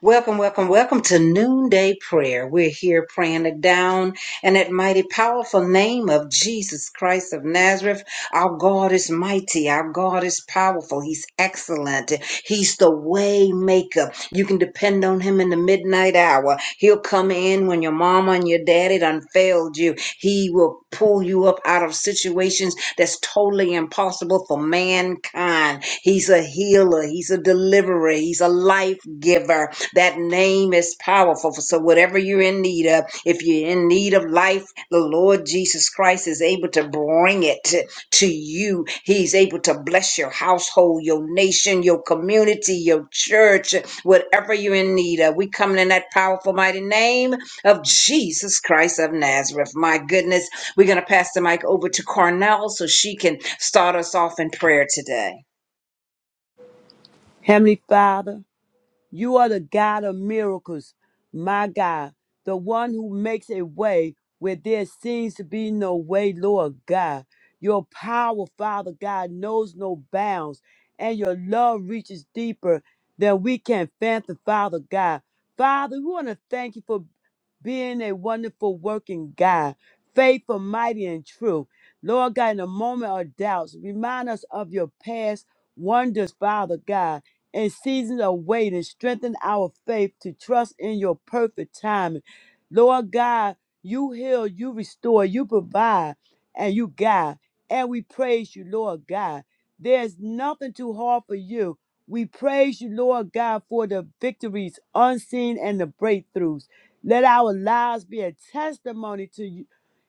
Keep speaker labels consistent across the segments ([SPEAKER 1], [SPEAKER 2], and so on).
[SPEAKER 1] Welcome, welcome, welcome to Noonday Prayer. We're here praying it down in that mighty, powerful name of Jesus Christ of Nazareth. Our God is mighty. Our God is powerful. He's excellent. He's the way maker. You can depend on him in the midnight hour. He'll come in when your mama and your daddy done failed you. He will pull you up out of situations that's totally impossible for mankind. He's a healer. He's a deliverer. He's a life giver. That name is powerful. So, whatever you're in need of, if you're in need of life, the Lord Jesus Christ is able to bring it to to you. He's able to bless your household, your nation, your community, your church, whatever you're in need of. We coming in that powerful, mighty name of Jesus Christ of Nazareth. My goodness, we're going to pass the mic over to Cornell so she can start us off in prayer today.
[SPEAKER 2] Heavenly Father, you are the God of miracles, my God, the one who makes a way where there seems to be no way, Lord God. Your power, Father God, knows no bounds, and your love reaches deeper than we can fathom, Father God. Father, we want to thank you for being a wonderful working God, faithful, mighty, and true. Lord God, in a moment of doubts, remind us of your past wonders, Father God in seasons of waiting. Strengthen our faith to trust in your perfect timing. Lord God, you heal, you restore, you provide, and you guide. And we praise you, Lord God. There's nothing too hard for you. We praise you, Lord God, for the victories unseen and the breakthroughs. Let our lives be a testimony to You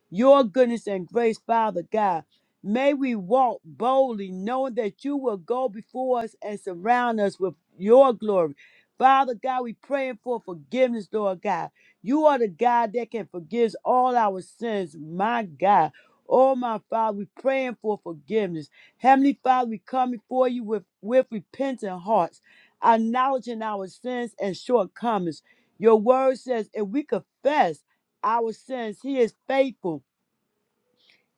[SPEAKER 2] your goodness and grace, Father God. May we walk boldly, knowing that you will go before us and surround us with your glory. Father God, we praying for forgiveness, Lord God. You are the God that can forgive all our sins, my God. Oh, my Father, we praying for forgiveness. Heavenly Father, we come before you with, with repentant hearts, acknowledging our sins and shortcomings. Your word says if we confess our sins, he is faithful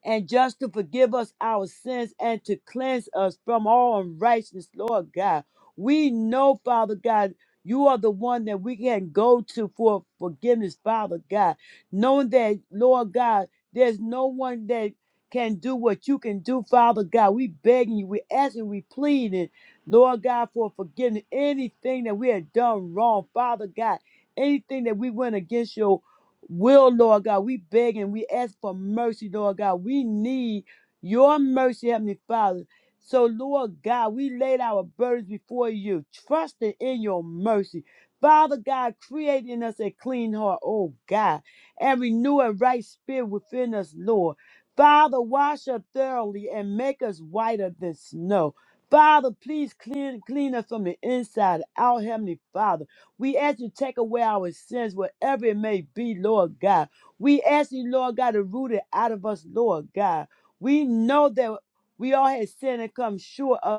[SPEAKER 2] and just to forgive us our sins and to cleanse us from all unrighteousness, Lord God. We know, Father God, you are the one that we can go to for forgiveness, Father God. Knowing that, Lord God, there's no one that can do what you can do, Father God. We begging you, we asking, we pleading, Lord God, for forgiveness. Anything that we have done wrong, Father God. Anything that we went against your will, Lord God. We beg and we ask for mercy, Lord God. We need your mercy, Heavenly Father. So, Lord God, we laid our burdens before you, trusting in your mercy. Father God, create in us a clean heart, oh God, and renew a right spirit within us, Lord. Father, wash us thoroughly and make us whiter than snow. Father, please clean, clean us from the inside out, Heavenly Father. We ask you to take away our sins, whatever it may be, Lord God. We ask you, Lord God, to root it out of us, Lord God. We know that we all have sinned and come short of.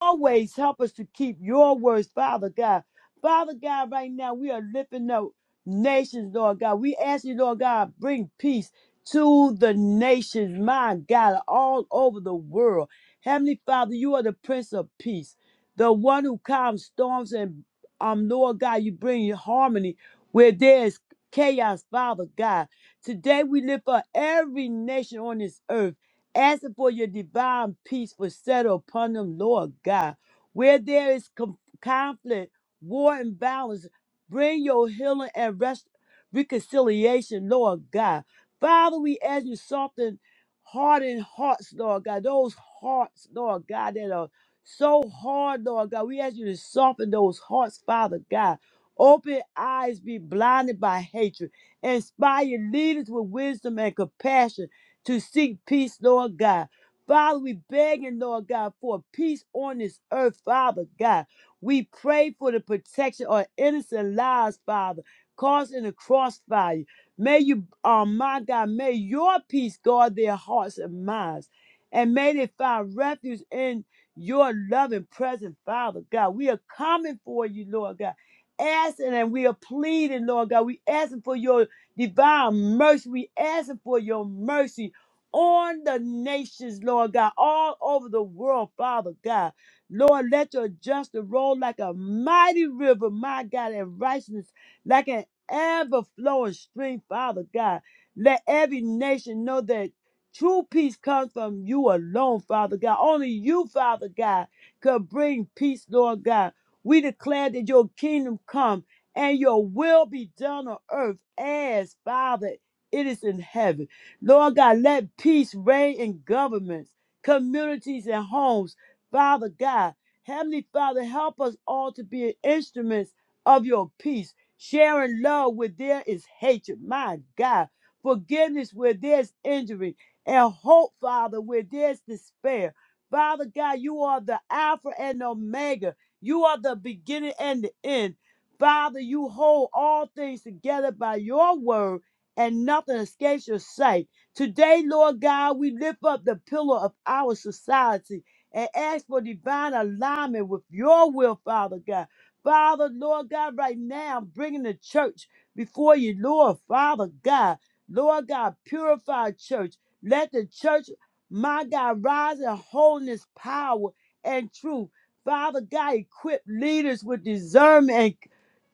[SPEAKER 2] always help us to keep your words, Father God. Father God, right now we are lifting up nations, Lord God. We ask you, Lord God, bring peace to the nations, my God, all over the world. Heavenly Father, you are the Prince of Peace, the one who calms storms, and um, Lord God, you bring harmony where there is chaos, Father God. Today we lift up every nation on this earth. Asking for your divine peace will settle upon them, Lord God. Where there is com- conflict, war, and violence, bring your healing and rest- reconciliation, Lord God. Father, we ask you soften hardened hearts, Lord God. Those hearts, Lord God, that are so hard, Lord God. We ask you to soften those hearts, Father God. Open eyes, be blinded by hatred. Inspire leaders with wisdom and compassion to seek peace, Lord God. Father, we begging, Lord God, for peace on this earth, Father God. We pray for the protection of innocent lives, Father, caused in the crossfire. May you, oh my God, may your peace guard their hearts and minds. And may they find refuge in your loving presence, Father God. We are coming for you, Lord God. Asking and we are pleading, Lord God. We asking for your divine mercy. We asking for your mercy on the nations, Lord God, all over the world, Father God. Lord, let your justice roll like a mighty river, my God, and righteousness like an ever flowing stream, Father God. Let every nation know that true peace comes from you alone, Father God. Only you, Father God, could bring peace, Lord God. We declare that your kingdom come and your will be done on earth as, Father, it is in heaven. Lord God, let peace reign in governments, communities, and homes. Father God, Heavenly Father, help us all to be instruments of your peace, sharing love where there is hatred. My God, forgiveness where there's injury, and hope, Father, where there's despair. Father God, you are the Alpha and Omega. You are the beginning and the end. Father, you hold all things together by your word, and nothing escapes your sight. Today, Lord God, we lift up the pillar of our society and ask for divine alignment with your will, Father God. Father, Lord God, right now, I'm bringing the church before you, Lord, Father God. Lord God, purify church. Let the church, my God, rise in holiness, power, and truth. Father God, equip leaders with discernment and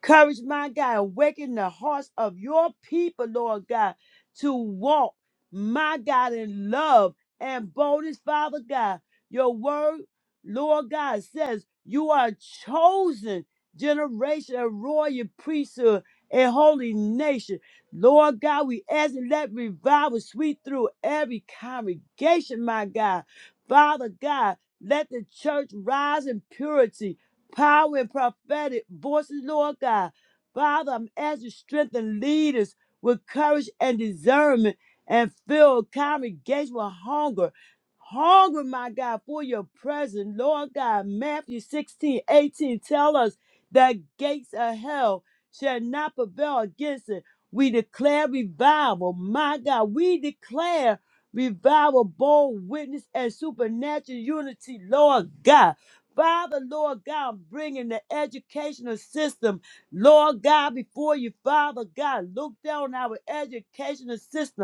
[SPEAKER 2] courage, my God. Awaken the hearts of your people, Lord God, to walk my God, in love and boldness, Father God. Your word, Lord God, says you are a chosen generation, a royal priesthood, a holy nation. Lord God, we ask and let revival sweep through every congregation, my God. Father God, let the church rise in purity, power, and prophetic voices, Lord God. Father, I'm asking you to strengthen leaders with courage and discernment and fill congregation with hunger. Hunger, my God, for your presence. Lord God, Matthew sixteen eighteen 18 tell us the gates of hell shall not prevail against it. We declare revival. My God, we declare revival, bold witness, and supernatural unity, Lord God. Father, Lord God, I'm bringing the educational system, Lord God, before you, Father God. Look down our educational system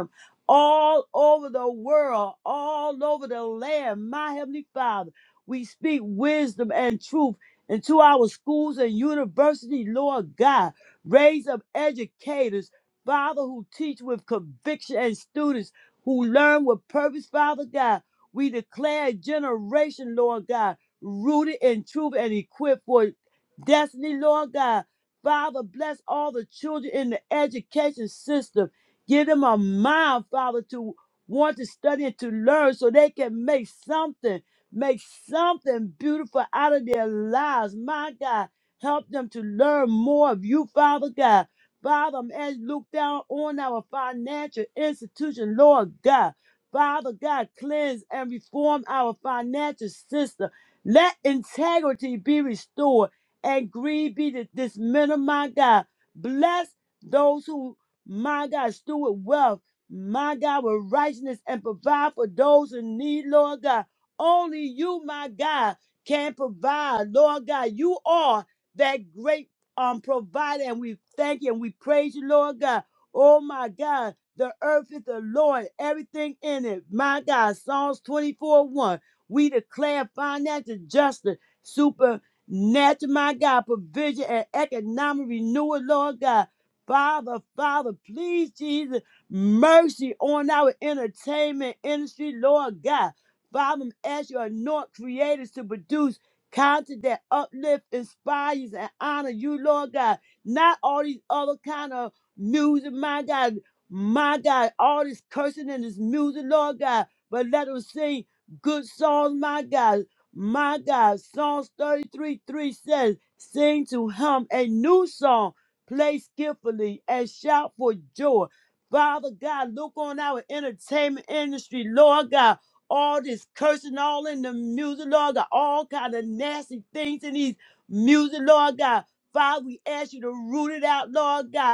[SPEAKER 2] all over the world, all over the land. My Heavenly Father, we speak wisdom and truth into our schools and universities, Lord God. Raise up educators, Father, who teach with conviction and students who learn with purpose, Father God. We declare a generation, Lord God, rooted in truth and equipped for destiny, Lord God. Father, bless all the children in the education system Give them a mind, Father, to want to study and to learn so they can make something, make something beautiful out of their lives. My God, help them to learn more of you, Father God. Father, as look down on our financial institution, Lord God. Father God, cleanse and reform our financial system. Let integrity be restored and greed be dis- dismantled, my God. Bless those who my God, steward wealth. My God, with righteousness and provide for those in need, Lord God. Only you, my God, can provide, Lord God. You are that great um provider, and we thank you and we praise you, Lord God. Oh my God, the earth is the Lord, everything in it. My God, Psalms 24 1. We declare financial justice, supernatural, my God, provision and economic renewal, Lord God. Father, Father, please, Jesus, mercy on our entertainment industry, Lord God. Father, as you anoint creators to produce content that uplift, inspires, and honor you, Lord God. Not all these other kind of music, my God, my God, all this cursing and this music, Lord God. But let them sing good songs, my God. My God, Psalms 33 3 says, Sing to him a new song play skillfully, and shout for joy. Father God, look on our entertainment industry, Lord God. All this cursing, all in the music, Lord God, all kind of nasty things in these music, Lord God. Father, we ask you to root it out, Lord God.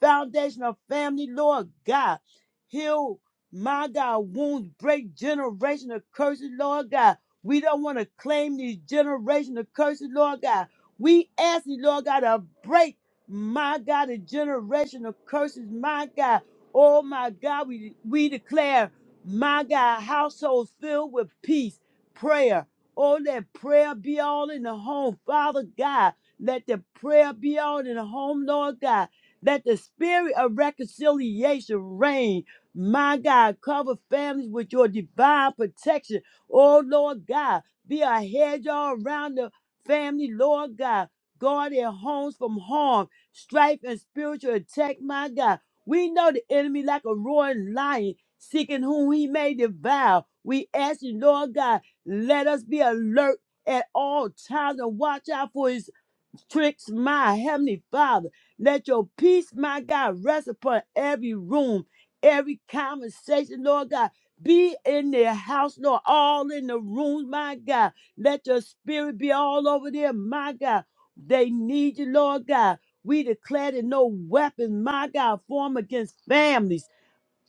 [SPEAKER 2] foundation of family, Lord God. Heal, my God, wounds, break generational curses, Lord God. We don't want to claim these generational curses, Lord God. We ask you, Lord God, to break, my God, the generational curses, my God. Oh, my God, we, we declare, my God, households filled with peace, prayer. Oh, let prayer be all in the home, Father God. Let the prayer be all in the home, Lord God. Let the spirit of reconciliation reign. My God, cover families with your divine protection. Oh, Lord God, be a hedge all around the family, Lord God. Guard their homes from harm, strife, and spiritual attack, my God. We know the enemy like a roaring lion, seeking whom he may devour. We ask you, Lord God, let us be alert at all times and watch out for his tricks, my heavenly Father. Let your peace, my God, rest upon every room, every conversation, Lord God. Be in their house, Lord, all in the rooms, my God. Let your spirit be all over there, my God. They need you, Lord God. We declare that no weapon, my God, form against families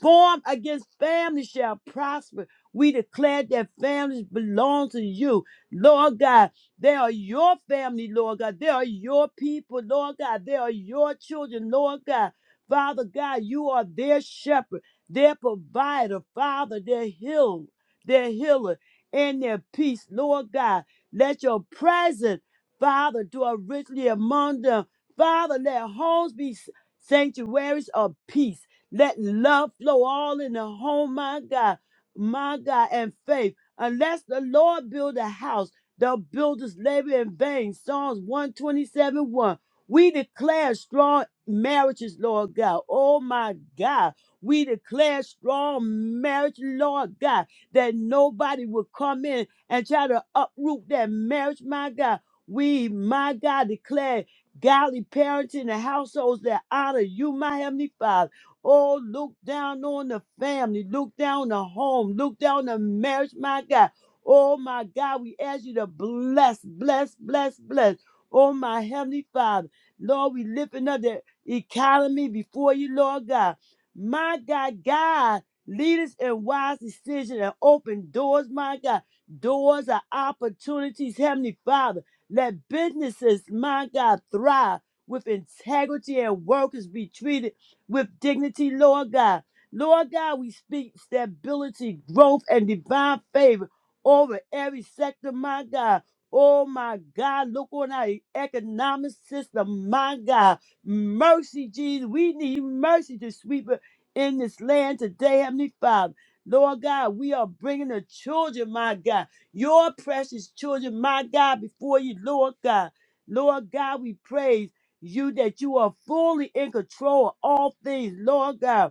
[SPEAKER 2] formed against family shall prosper. We declare that families belong to you, Lord God. They are your family, Lord God. They are your people, Lord God. They are your children, Lord God. Father God, you are their shepherd, their provider, Father, their healer, their healer, and their peace, Lord God. Let your presence, Father, dwell richly among them. Father, let homes be sanctuaries of peace. Let love flow all in the home, my God, my God, and faith. Unless the Lord build a house, the builders labor in vain. Psalms 127 1. We declare strong marriages, Lord God. Oh my God. We declare strong marriage, Lord God, that nobody will come in and try to uproot that marriage, my God. We, my God, declare godly parenting and households that honor you, my heavenly Father. Oh, look down on the family, look down on the home, look down on the marriage, my God. Oh, my God, we ask you to bless, bless, bless, bless. Oh, my Heavenly Father, Lord, we lifting up the economy before you, Lord God. My God, God, lead us in wise decision and open doors, my God. Doors are opportunities, Heavenly Father. Let businesses, my God, thrive with integrity and workers be treated with dignity, Lord God. Lord God, we speak stability, growth, and divine favor over every sector, my God. Oh my God, look on our economic system, my God. Mercy, Jesus. We need mercy to sweep it in this land today, Heavenly Father. Lord God, we are bringing the children, my God, your precious children, my God, before you, Lord God. Lord God, we praise you that you are fully in control of all things, Lord God.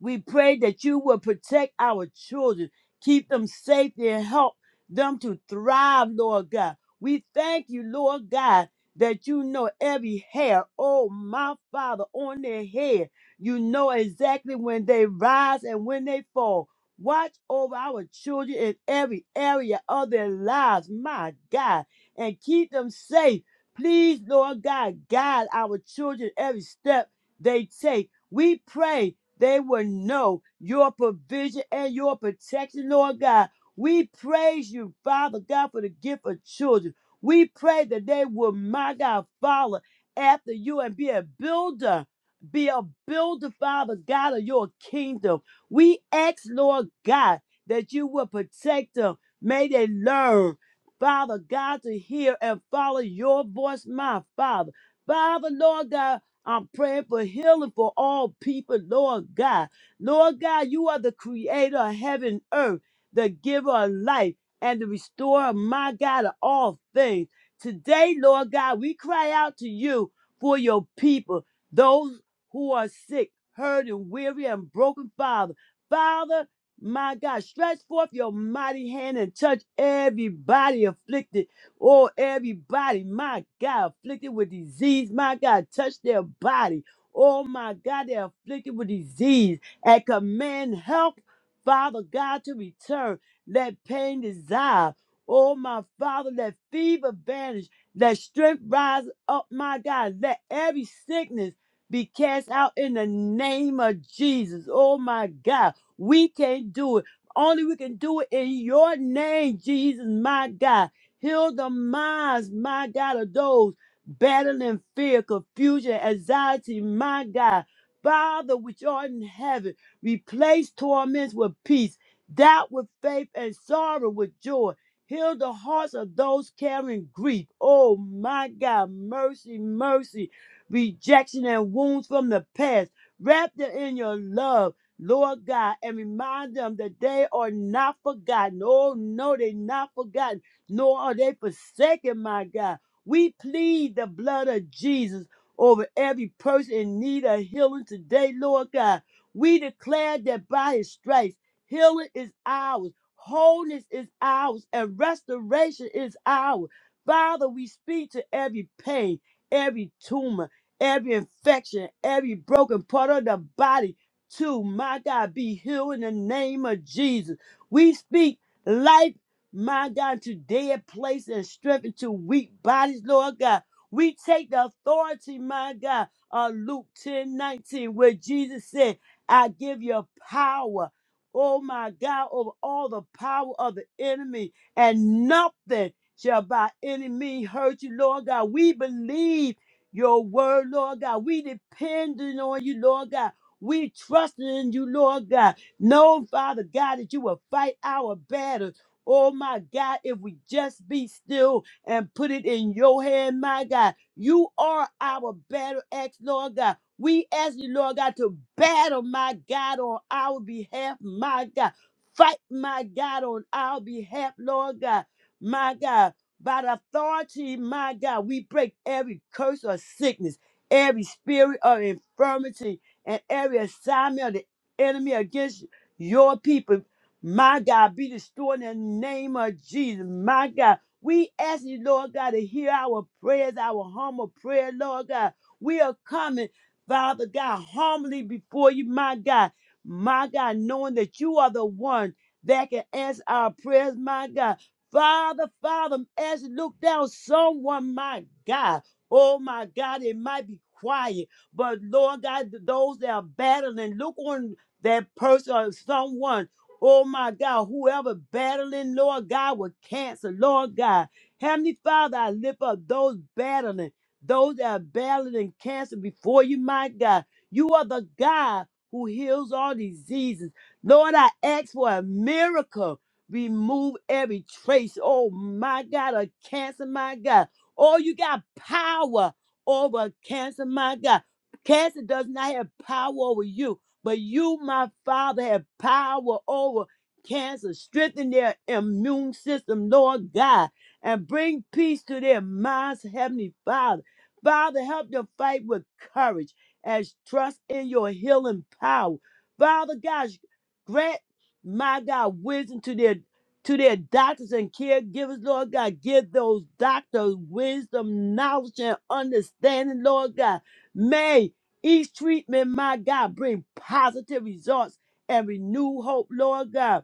[SPEAKER 2] We pray that you will protect our children, keep them safe and help them to thrive, Lord God. We thank you, Lord God, that you know every hair, oh my Father, on their head. You know exactly when they rise and when they fall. Watch over our children in every area of their lives, my God, and keep them safe. Please, Lord God, guide our children every step they take. We pray they will know your provision and your protection, Lord God. We praise you, Father God, for the gift of children. We pray that they will, my God, follow after you and be a builder. Be a builder, Father God, of your kingdom. We ask, Lord God, that you will protect them. May they learn, Father God, to hear and follow your voice, my Father. Father, Lord God, I'm praying for healing for all people, Lord God. Lord God, you are the creator of heaven and earth, the giver of life, and the restorer, my God, of all things. Today, Lord God, we cry out to you for your people, those who are sick, hurt, and weary, and broken, Father. Father, my God, stretch forth your mighty hand and touch everybody afflicted Oh, everybody, my God, afflicted with disease, my God, touch their body. Oh, my God, they're afflicted with disease and command help, Father God, to return. Let pain dissolve. Oh, my Father, let fever vanish. Let strength rise up, my God. Let every sickness be cast out in the name of Jesus. Oh, my God, we can't do it. Only we can do it in your name, Jesus, my God. Heal the minds, my God, of those battling fear, confusion, anxiety, my God. Father, which art in heaven, replace torments with peace, doubt with faith, and sorrow with joy. Heal the hearts of those carrying grief. Oh, my God, mercy, mercy, rejection and wounds from the past. Wrap them in your love, Lord God, and remind them that they are not forgotten. Oh, no, they're not forgotten nor are they forsaken, my God. We plead the blood of Jesus over every person in need of healing today, Lord God. We declare that by his stripes, healing is ours, wholeness is ours, and restoration is ours. Father, we speak to every pain, every tumor, every infection, every broken part of the body to my God be healed in the name of Jesus. We speak life my God, to dead place and strength into weak bodies, Lord God. We take the authority, my God, of Luke 10 19, where Jesus said, I give you power, oh my God, over all the power of the enemy, and nothing shall by any means hurt you, Lord God. We believe your word, Lord God. We depending on you, Lord God. We trusting in you, Lord God. Know, Father God, that you will fight our battle Oh my God, if we just be still and put it in your hand, my God, you are our battle axe, Lord God. We ask you, Lord God, to battle, my God, on our behalf, my God. Fight, my God, on our behalf, Lord God, my God. By the authority, my God, we break every curse of sickness, every spirit of infirmity, and every assignment of the enemy against your people my God, be destroyed in the name of Jesus. My God, we ask you, Lord God, to hear our prayers, our humble prayer, Lord God. We are coming, Father God, humbly before you, my God. My God, knowing that you are the one that can answer our prayers, my God. Father, Father, as you look down, someone, my God. Oh my God, it might be quiet, but Lord God, those that are battling, look on that person or someone Oh my God, whoever battling, Lord God, with cancer, Lord God. Heavenly Father, I lift up those battling, those that are battling cancer before you, my God. You are the God who heals all diseases. Lord, I ask for a miracle. Remove every trace, oh my God, of cancer, my God. Oh, you got power over cancer, my God. Cancer does not have power over you. But you, my Father, have power over cancer. Strengthen their immune system, Lord God, and bring peace to their minds, Heavenly Father. Father, help them fight with courage as trust in your healing power. Father God, grant my God wisdom to their to their doctors and caregivers, Lord God. Give those doctors wisdom, knowledge, and understanding, Lord God. May each treatment, my God, bring positive results and renew hope, Lord God.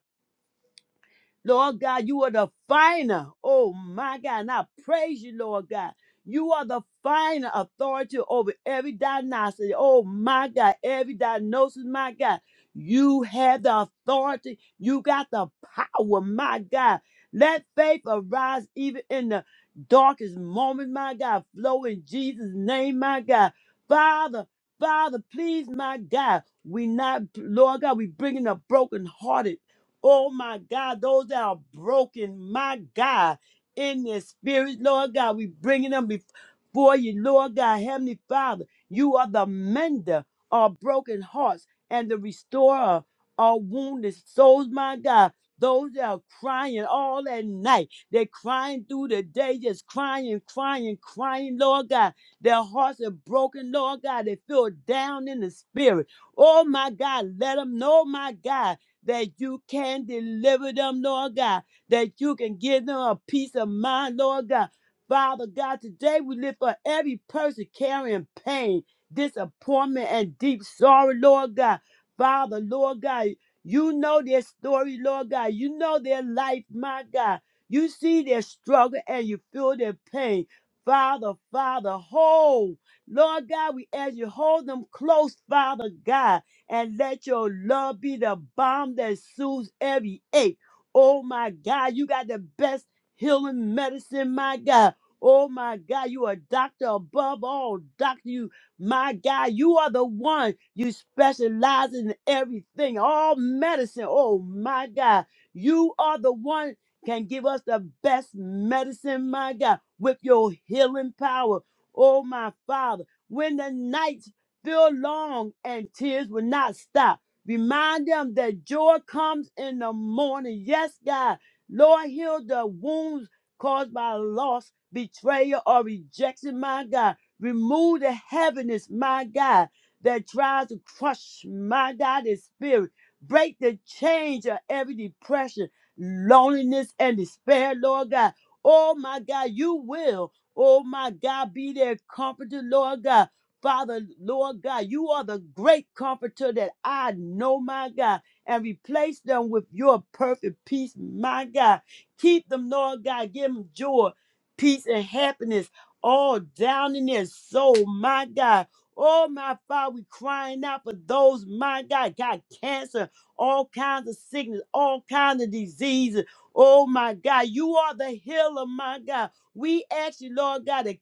[SPEAKER 2] Lord God, you are the finer. Oh my God. And I praise you, Lord God. You are the finer authority over every diagnosis. Oh my God. Every diagnosis, my God. You have the authority. You got the power, my God. Let faith arise even in the darkest moment, my God. Flow in Jesus' name, my God. Father, Father, please, my God. We not, Lord God, we bringing a broken hearted. Oh my God, those that are broken, my God, in their spirit, Lord God, we bringing them before you, Lord God, Heavenly Father. You are the mender of broken hearts and the restorer of wounded souls, my God. Those that are crying all at night, they're crying through the day, just crying, crying, crying, Lord God. Their hearts are broken, Lord God. They feel down in the spirit. Oh my God, let them know, my God that you can deliver them, Lord God, that you can give them a peace of mind, Lord God. Father God, today we lift for every person carrying pain, disappointment, and deep sorrow, Lord God. Father, Lord God, you know their story, Lord God. You know their life, my God. You see their struggle and you feel their pain. Father, Father, hold. Lord God, we ask you hold them close, Father God and let your love be the balm that soothes every ache. Oh my God, you got the best healing medicine, my God. Oh my God, you are a doctor above all. Doctor, you, my God, you are the one. You specialize in everything, all medicine. Oh my God, you are the one can give us the best medicine, my God, with your healing power. Oh my Father, when the night Still long and tears will not stop. Remind them that joy comes in the morning. Yes, God. Lord, heal the wounds caused by loss, betrayal, or rejection, my God. Remove the heaviness, my God, that tries to crush, my God, the spirit. Break the chains of every depression, loneliness, and despair, Lord God. Oh, my God, you will. Oh, my God, be their comforter, Lord God. Father, Lord God, you are the great comforter that I know, my God, and replace them with your perfect peace, my God. Keep them, Lord God. Give them joy, peace, and happiness all down in their soul, my God. Oh, my Father, we crying out for those, my God, got cancer, all kinds of sickness, all kinds of diseases. Oh, my God, you are the healer, my God. We ask you, Lord God, to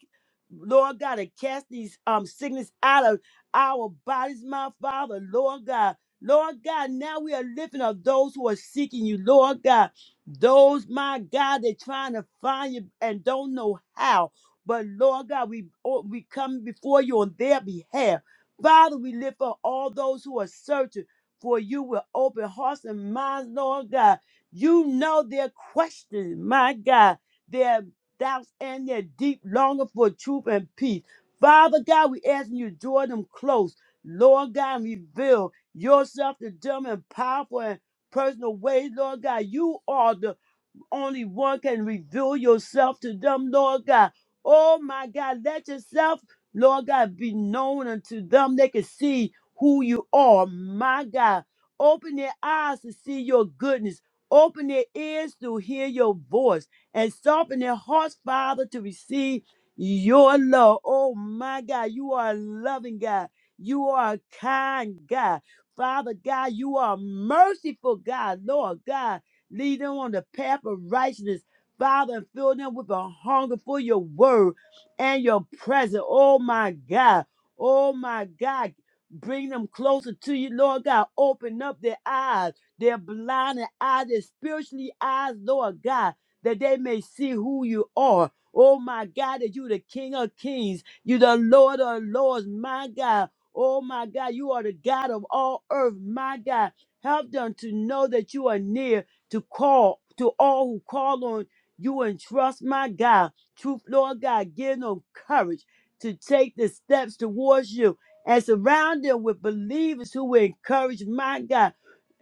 [SPEAKER 2] Lord God, to cast these um sickness out of our bodies, my Father, Lord God. Lord God, now we are lifting up those who are seeking you, Lord God. Those, my God, they're trying to find you and don't know how. But Lord God, we oh, we come before you on their behalf. Father, we lift up all those who are searching for you with open hearts and minds, Lord God. You know their questions, my God doubts and their deep longing for truth and peace. Father God, we asking you to draw them close. Lord God, reveal yourself to them in powerful and personal ways. Lord God, you are the only one can reveal yourself to them, Lord God. Oh my God, let yourself, Lord God, be known unto them. They can see who you are, my God. Open their eyes to see your goodness. Open their ears to hear your voice and soften their hearts, Father, to receive your love. Oh my God, you are a loving God. You are a kind God. Father God, you are a merciful God, Lord God. Lead them on the path of righteousness, Father, and fill them with a hunger for your word and your presence. Oh my God. Oh my God. Bring them closer to you, Lord God. Open up their eyes, their blinded eyes, their spiritually eyes, Lord God, that they may see who you are. Oh my God, that you the King of Kings, you the Lord of Lords, my God. Oh my God, you are the God of all earth, my God. Help them to know that you are near to call to all who call on you and trust my God. Truth, Lord God, give them courage to take the steps towards you and surround them with believers who will encourage my God,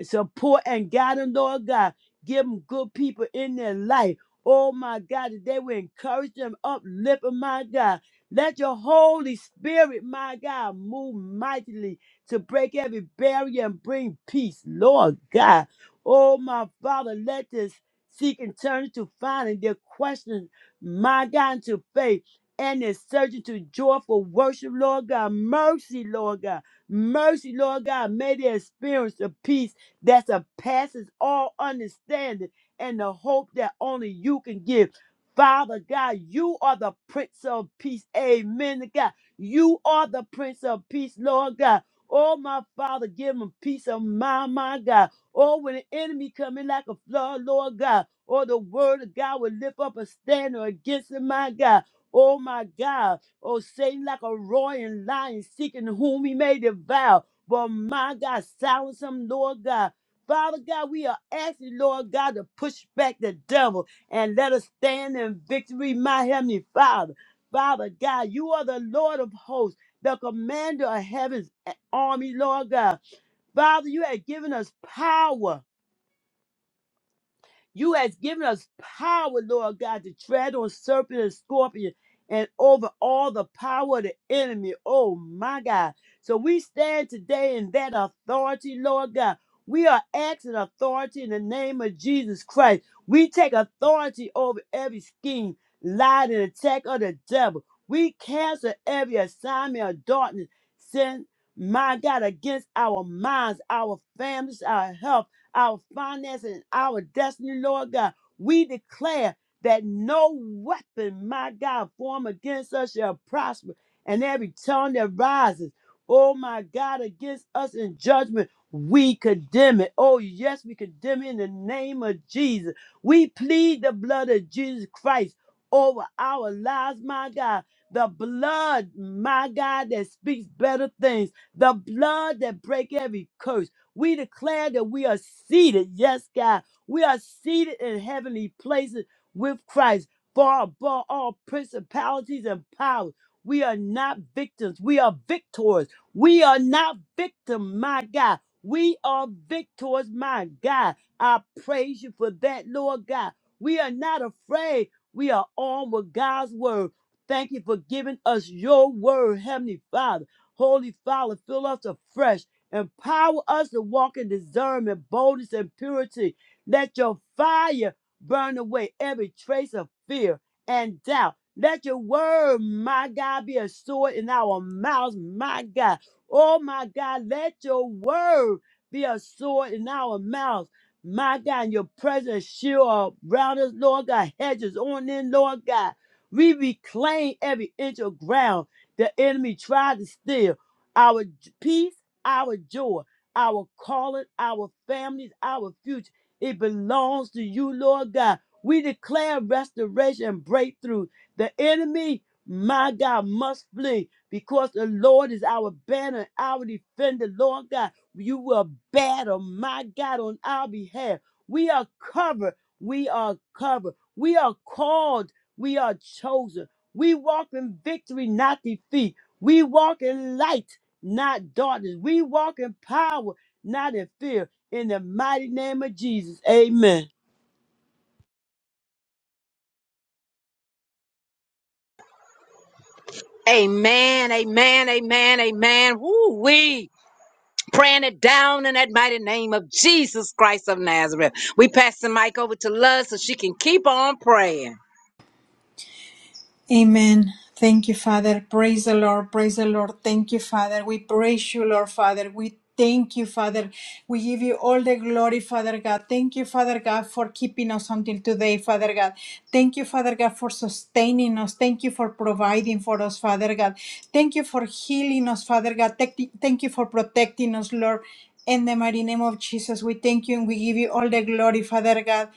[SPEAKER 2] support and guide them, Lord God. Give them good people in their life. Oh my God, that they will encourage them, uplift them, my God. Let your Holy Spirit, my God, move mightily to break every barrier and bring peace, Lord God. Oh, my Father, let this seek and turn to finding their questions, my God, into faith and is searching to joyful worship, Lord God. Mercy, Lord God. Mercy, Lord God. May they experience the peace that surpasses all understanding and the hope that only you can give. Father God, you are the Prince of Peace. Amen. God, you are the Prince of Peace, Lord God. Oh, my Father, give them peace of mind, my God. Or when the enemy come in like a flood, Lord God. or the word of God will lift up a standard against him, my God. Oh, my God. Oh, Satan like a roaring lion seeking whom he may devour. But my God, silence him, Lord God. Father God, we are asking, Lord God, to push back the devil and let us stand in victory, my heavenly Father. Father God, you are the Lord of hosts, the commander of heaven's army, Lord God. Father, you have given us power. You have given us power, Lord God, to tread on serpent and scorpion and over all the power of the enemy. Oh my God. So we stand today in that authority, Lord God. We are asking authority in the name of Jesus Christ. We take authority over every scheme, lie, and attack of the devil. We cancel every assignment of darkness, sin, my God, against our minds, our families, our health our finances, and our destiny, Lord God. We declare that no weapon, my God, formed against us shall prosper, and every tongue that rises, oh my God, against us in judgment, we condemn it. Oh, yes, we condemn it in the name of Jesus. We plead the blood of Jesus Christ over our lives, my God. The blood, my God, that speaks better things. The blood that break every curse we declare that we are seated. Yes, God. We are seated in heavenly places with Christ, far above all principalities and powers. We are not victims. We are victors. We are not victim, my God. We are victors, my God. I praise you for that, Lord God. We are not afraid. We are armed with God's word. Thank you for giving us your word, Heavenly Father. Holy Father, fill us afresh. Empower us to walk in discernment, boldness, and purity. Let your fire burn away every trace of fear and doubt. Let your word, my God, be a sword in our mouths, my God. Oh, my God, let your word be a sword in our mouths. My God, and your presence shield around us, Lord God, hedges on in, Lord God. We reclaim every inch of ground the enemy tried to steal. Our j- peace our joy, our calling, our families, our future. It belongs to you, Lord God. We declare restoration and breakthrough. The enemy, my God, must flee because the Lord is our banner, our defender, Lord God. You will battle, my God, on our behalf. We are covered. We are covered. We are called. We are chosen. We walk in victory, not defeat. We walk in light not darkness. We walk in power, not in fear. In the mighty name of Jesus. Amen.
[SPEAKER 1] Amen, amen, amen, amen. Woo wee. praying it down in that mighty name of Jesus Christ of Nazareth. We pass the mic over to Love so she can keep on praying.
[SPEAKER 3] Amen. Thank you, Father. Praise the Lord. Praise the Lord. Thank you, Father. We praise you, Lord, Father. We thank you, Father. We give you all the glory, Father God. Thank you, Father God, for keeping us until today, Father God. Thank you, Father God, for sustaining us. Thank you for providing for us, Father God. Thank you for healing us, Father God. Thank thank you for protecting us, Lord. In the mighty name of Jesus, we thank you and we give you all the glory, Father God.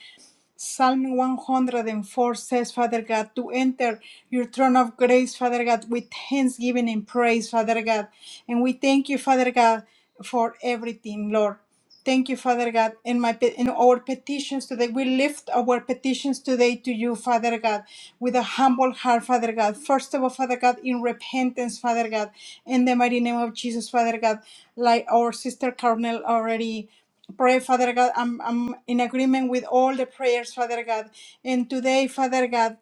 [SPEAKER 3] Psalm 104 says, Father God, to enter your throne of grace, Father God, with thanksgiving and praise, Father God. And we thank you, Father God, for everything, Lord. Thank you, Father God, in my pe- in our petitions today. We lift our petitions today to you, Father God, with a humble heart, Father God. First of all, Father God, in repentance, Father God, in the mighty name of Jesus, Father God, like our sister Carnell already. Pray, Father God, I'm, I'm in agreement with all the prayers, Father God. And today, Father God,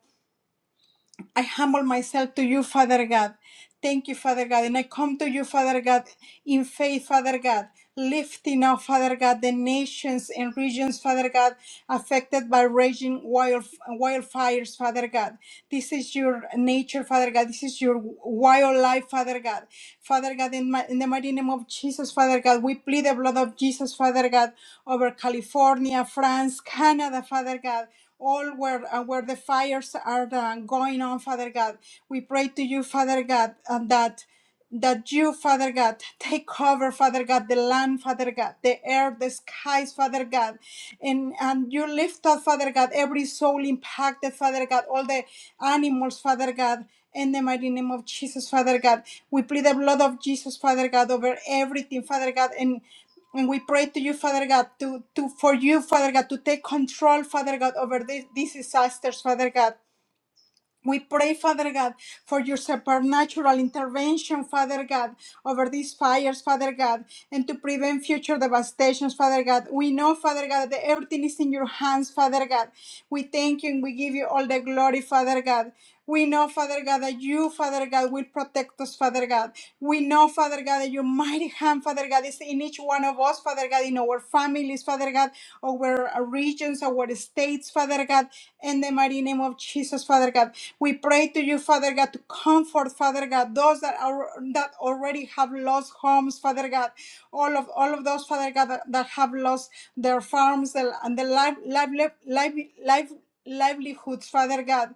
[SPEAKER 3] I humble myself to you, Father God. Thank you, Father God. And I come to you, Father God, in faith, Father God, lifting up, Father God, the nations and regions, Father God, affected by raging wild, wildfires, Father God. This is your nature, Father God. This is your wildlife, Father God. Father God, in, my, in the mighty name of Jesus, Father God, we plead the blood of Jesus, Father God, over California, France, Canada, Father God, all where uh, where the fires are uh, going on, Father God. We pray to you, Father God, and that that you, Father God, take over, Father God, the land, Father God, the air, the skies, Father God and and you lift up, Father God, every soul impacted, Father God, all the animals, Father God. In the mighty name of Jesus, Father God, we plead the blood of Jesus, Father God, over everything, Father God, and and we pray to you, Father God, to, to for you, Father God, to take control, Father God, over these, these disasters, Father God. We pray, Father God, for your supernatural intervention, Father God, over these fires, Father God, and to prevent future devastations, Father God. We know, Father God, that everything is in your hands, Father God. We thank you and we give you all the glory, Father God. We know, Father God, that you, Father God, will protect us, Father God. We know, Father God, that your mighty hand, Father God, is in each one of us, Father God, in our families, Father God, our regions, our states, Father God, in the mighty name of Jesus, Father God. We pray to you, Father God, to comfort, Father God, those that are that already have lost homes, Father God, all of all of those, Father God, that, that have lost their farms and and the life, life, life, life livelihoods, Father God,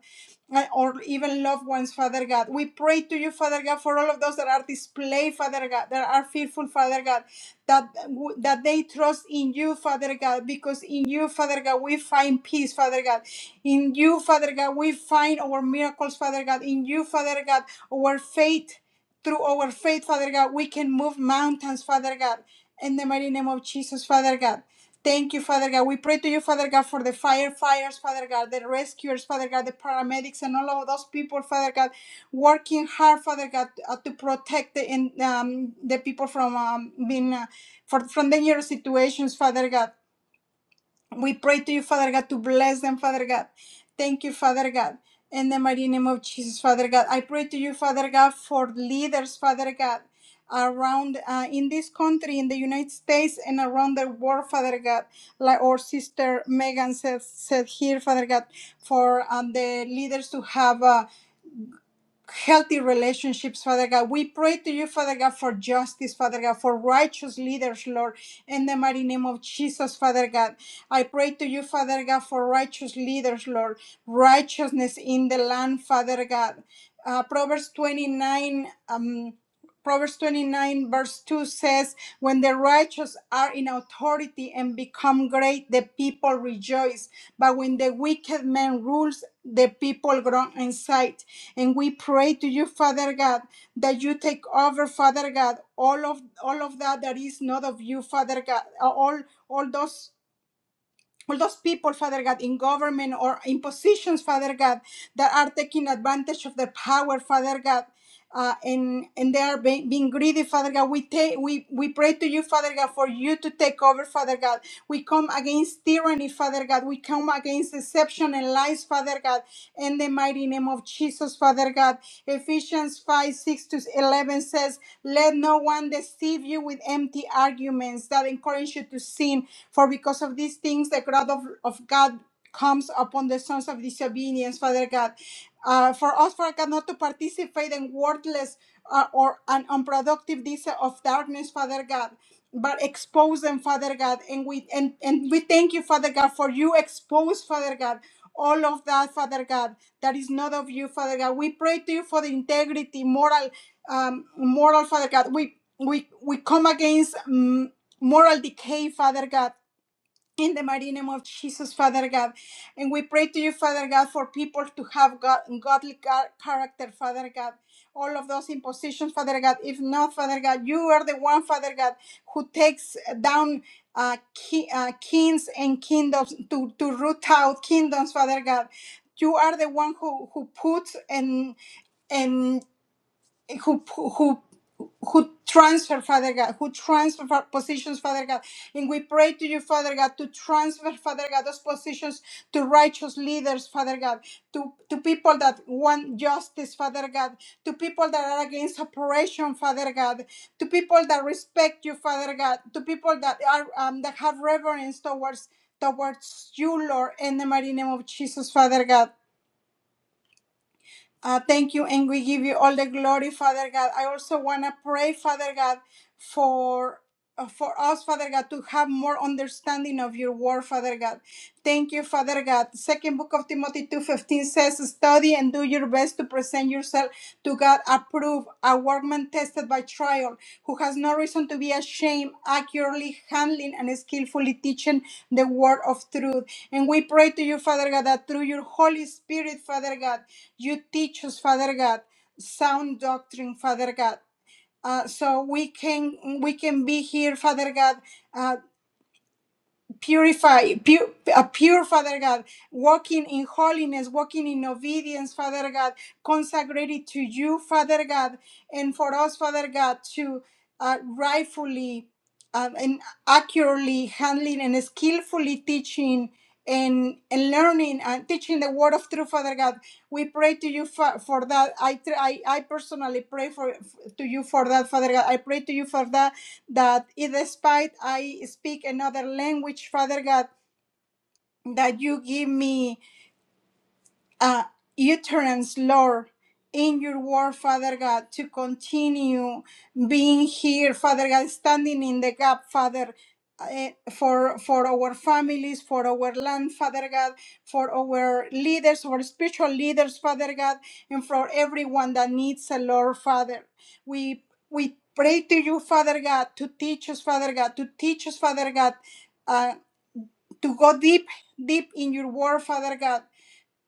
[SPEAKER 3] and- or even loved ones, Father God. We pray to you, Father God, for all of those that are displaced, Father God, that are fearful, Father God that that they trust in you, Father God, because in you, Father God, we find peace, Father God. In you, Father God, we find our miracles, Father God. In you, Father God, our faith, through our faith, Father God, we can move mountains, Father God. In the mighty name of Jesus, Father God. Thank you, Father God. We pray to you, Father God, for the firefighters, Father God, the rescuers, Father God, the paramedics, and all of those people, Father God, working hard, Father God, uh, to protect the in, um, the people from um, being uh, for from dangerous situations, Father God. We pray to you, Father God, to bless them, Father God. Thank you, Father God. In the mighty name of Jesus, Father God, I pray to you, Father God, for leaders, Father God, around uh, in this country, in the United States, and around the world, Father God. Like our sister Megan said, said here, Father God, for um, the leaders to have. uh, healthy relationships, Father God. We pray to you, Father God, for justice, Father God, for righteous leaders, Lord, in the mighty name of Jesus, Father God. I pray to you, Father God, for righteous leaders, Lord, righteousness in the land, Father God. Uh, Proverbs 29, um, Proverbs 29, verse 2 says, When the righteous are in authority and become great, the people rejoice. But when the wicked man rules, the people groan in sight. And we pray to you, Father God, that you take over, Father God, all of all of that that is not of you, Father God, uh, all all those all those people, Father God, in government or in positions, Father God, that are taking advantage of the power, Father God uh, and and they are being, being greedy, Father God. We take we we pray to you, Father God, for you to take over, Father God. We come against tyranny, Father God. We come against deception and lies, Father God. In the mighty name of Jesus, Father God. Ephesians five six to eleven says, "Let no one deceive you with empty arguments that encourage you to sin, for because of these things the wrath of, of God." comes upon the sons of disobedience, Father God. Uh, for Oxford not to participate in worthless uh, or an unproductive deeds of darkness, Father God, but expose them, Father God. And we and, and we thank you, Father God, for you expose, Father God, all of that, Father God, that is not of you, Father God. We pray to you for the integrity, moral, um, moral, Father God. We we we come against mm, moral decay, Father God in the mighty name of Jesus, Father God. And we pray to you, Father God, for people to have God, godly ca- character, Father God. All of those impositions, Father God. If not, Father God, you are the one, Father God, who takes down uh, ki- uh, kings and kingdoms to, to root out kingdoms, Father God. You are the one who, who puts and and who who who transfer father god who transfer fa- positions father god and we pray to you father god to transfer father god those positions to righteous leaders father god to to people that want justice father god to people that are against oppression father god to people that respect you father god to people that are um, that have reverence towards towards you lord in the mighty name of jesus father god uh, thank you, and we give you all the glory, Father God. I also want to pray, Father God, for uh, for us, Father God, to have more understanding of your word, Father God. Thank you, Father God. Second book of Timothy 2.15 says, study and do your best to present yourself to God approved, a workman tested by trial, who has no reason to be ashamed, accurately handling and skillfully teaching the word of truth. And we pray to you, Father God, that through your Holy Spirit, Father God, you teach us, Father God, sound doctrine, Father God. Uh, so we can we can be here, Father God, uh, purify, pure, a pure Father God, walking in holiness, walking in obedience, Father God, consecrated to you, Father God, and for us, Father God, to uh, rightfully um, and accurately handling and skillfully teaching and, and learning and teaching the word of truth, Father God. We pray to you for, for that. I, tr- I I personally pray for to you for that, Father God. I pray to you for that that if despite I speak another language, Father God, that you give me uh, utterance, Lord, in your word, Father God, to continue being here, Father God, standing in the gap, Father. eh, For for our families, for our land, Father God, for our leaders, our spiritual leaders, Father God, and for everyone that needs a Lord, Father, we we pray to you, Father God, to teach us, Father God, to teach us, Father God, uh, to go deep, deep in your word, Father God,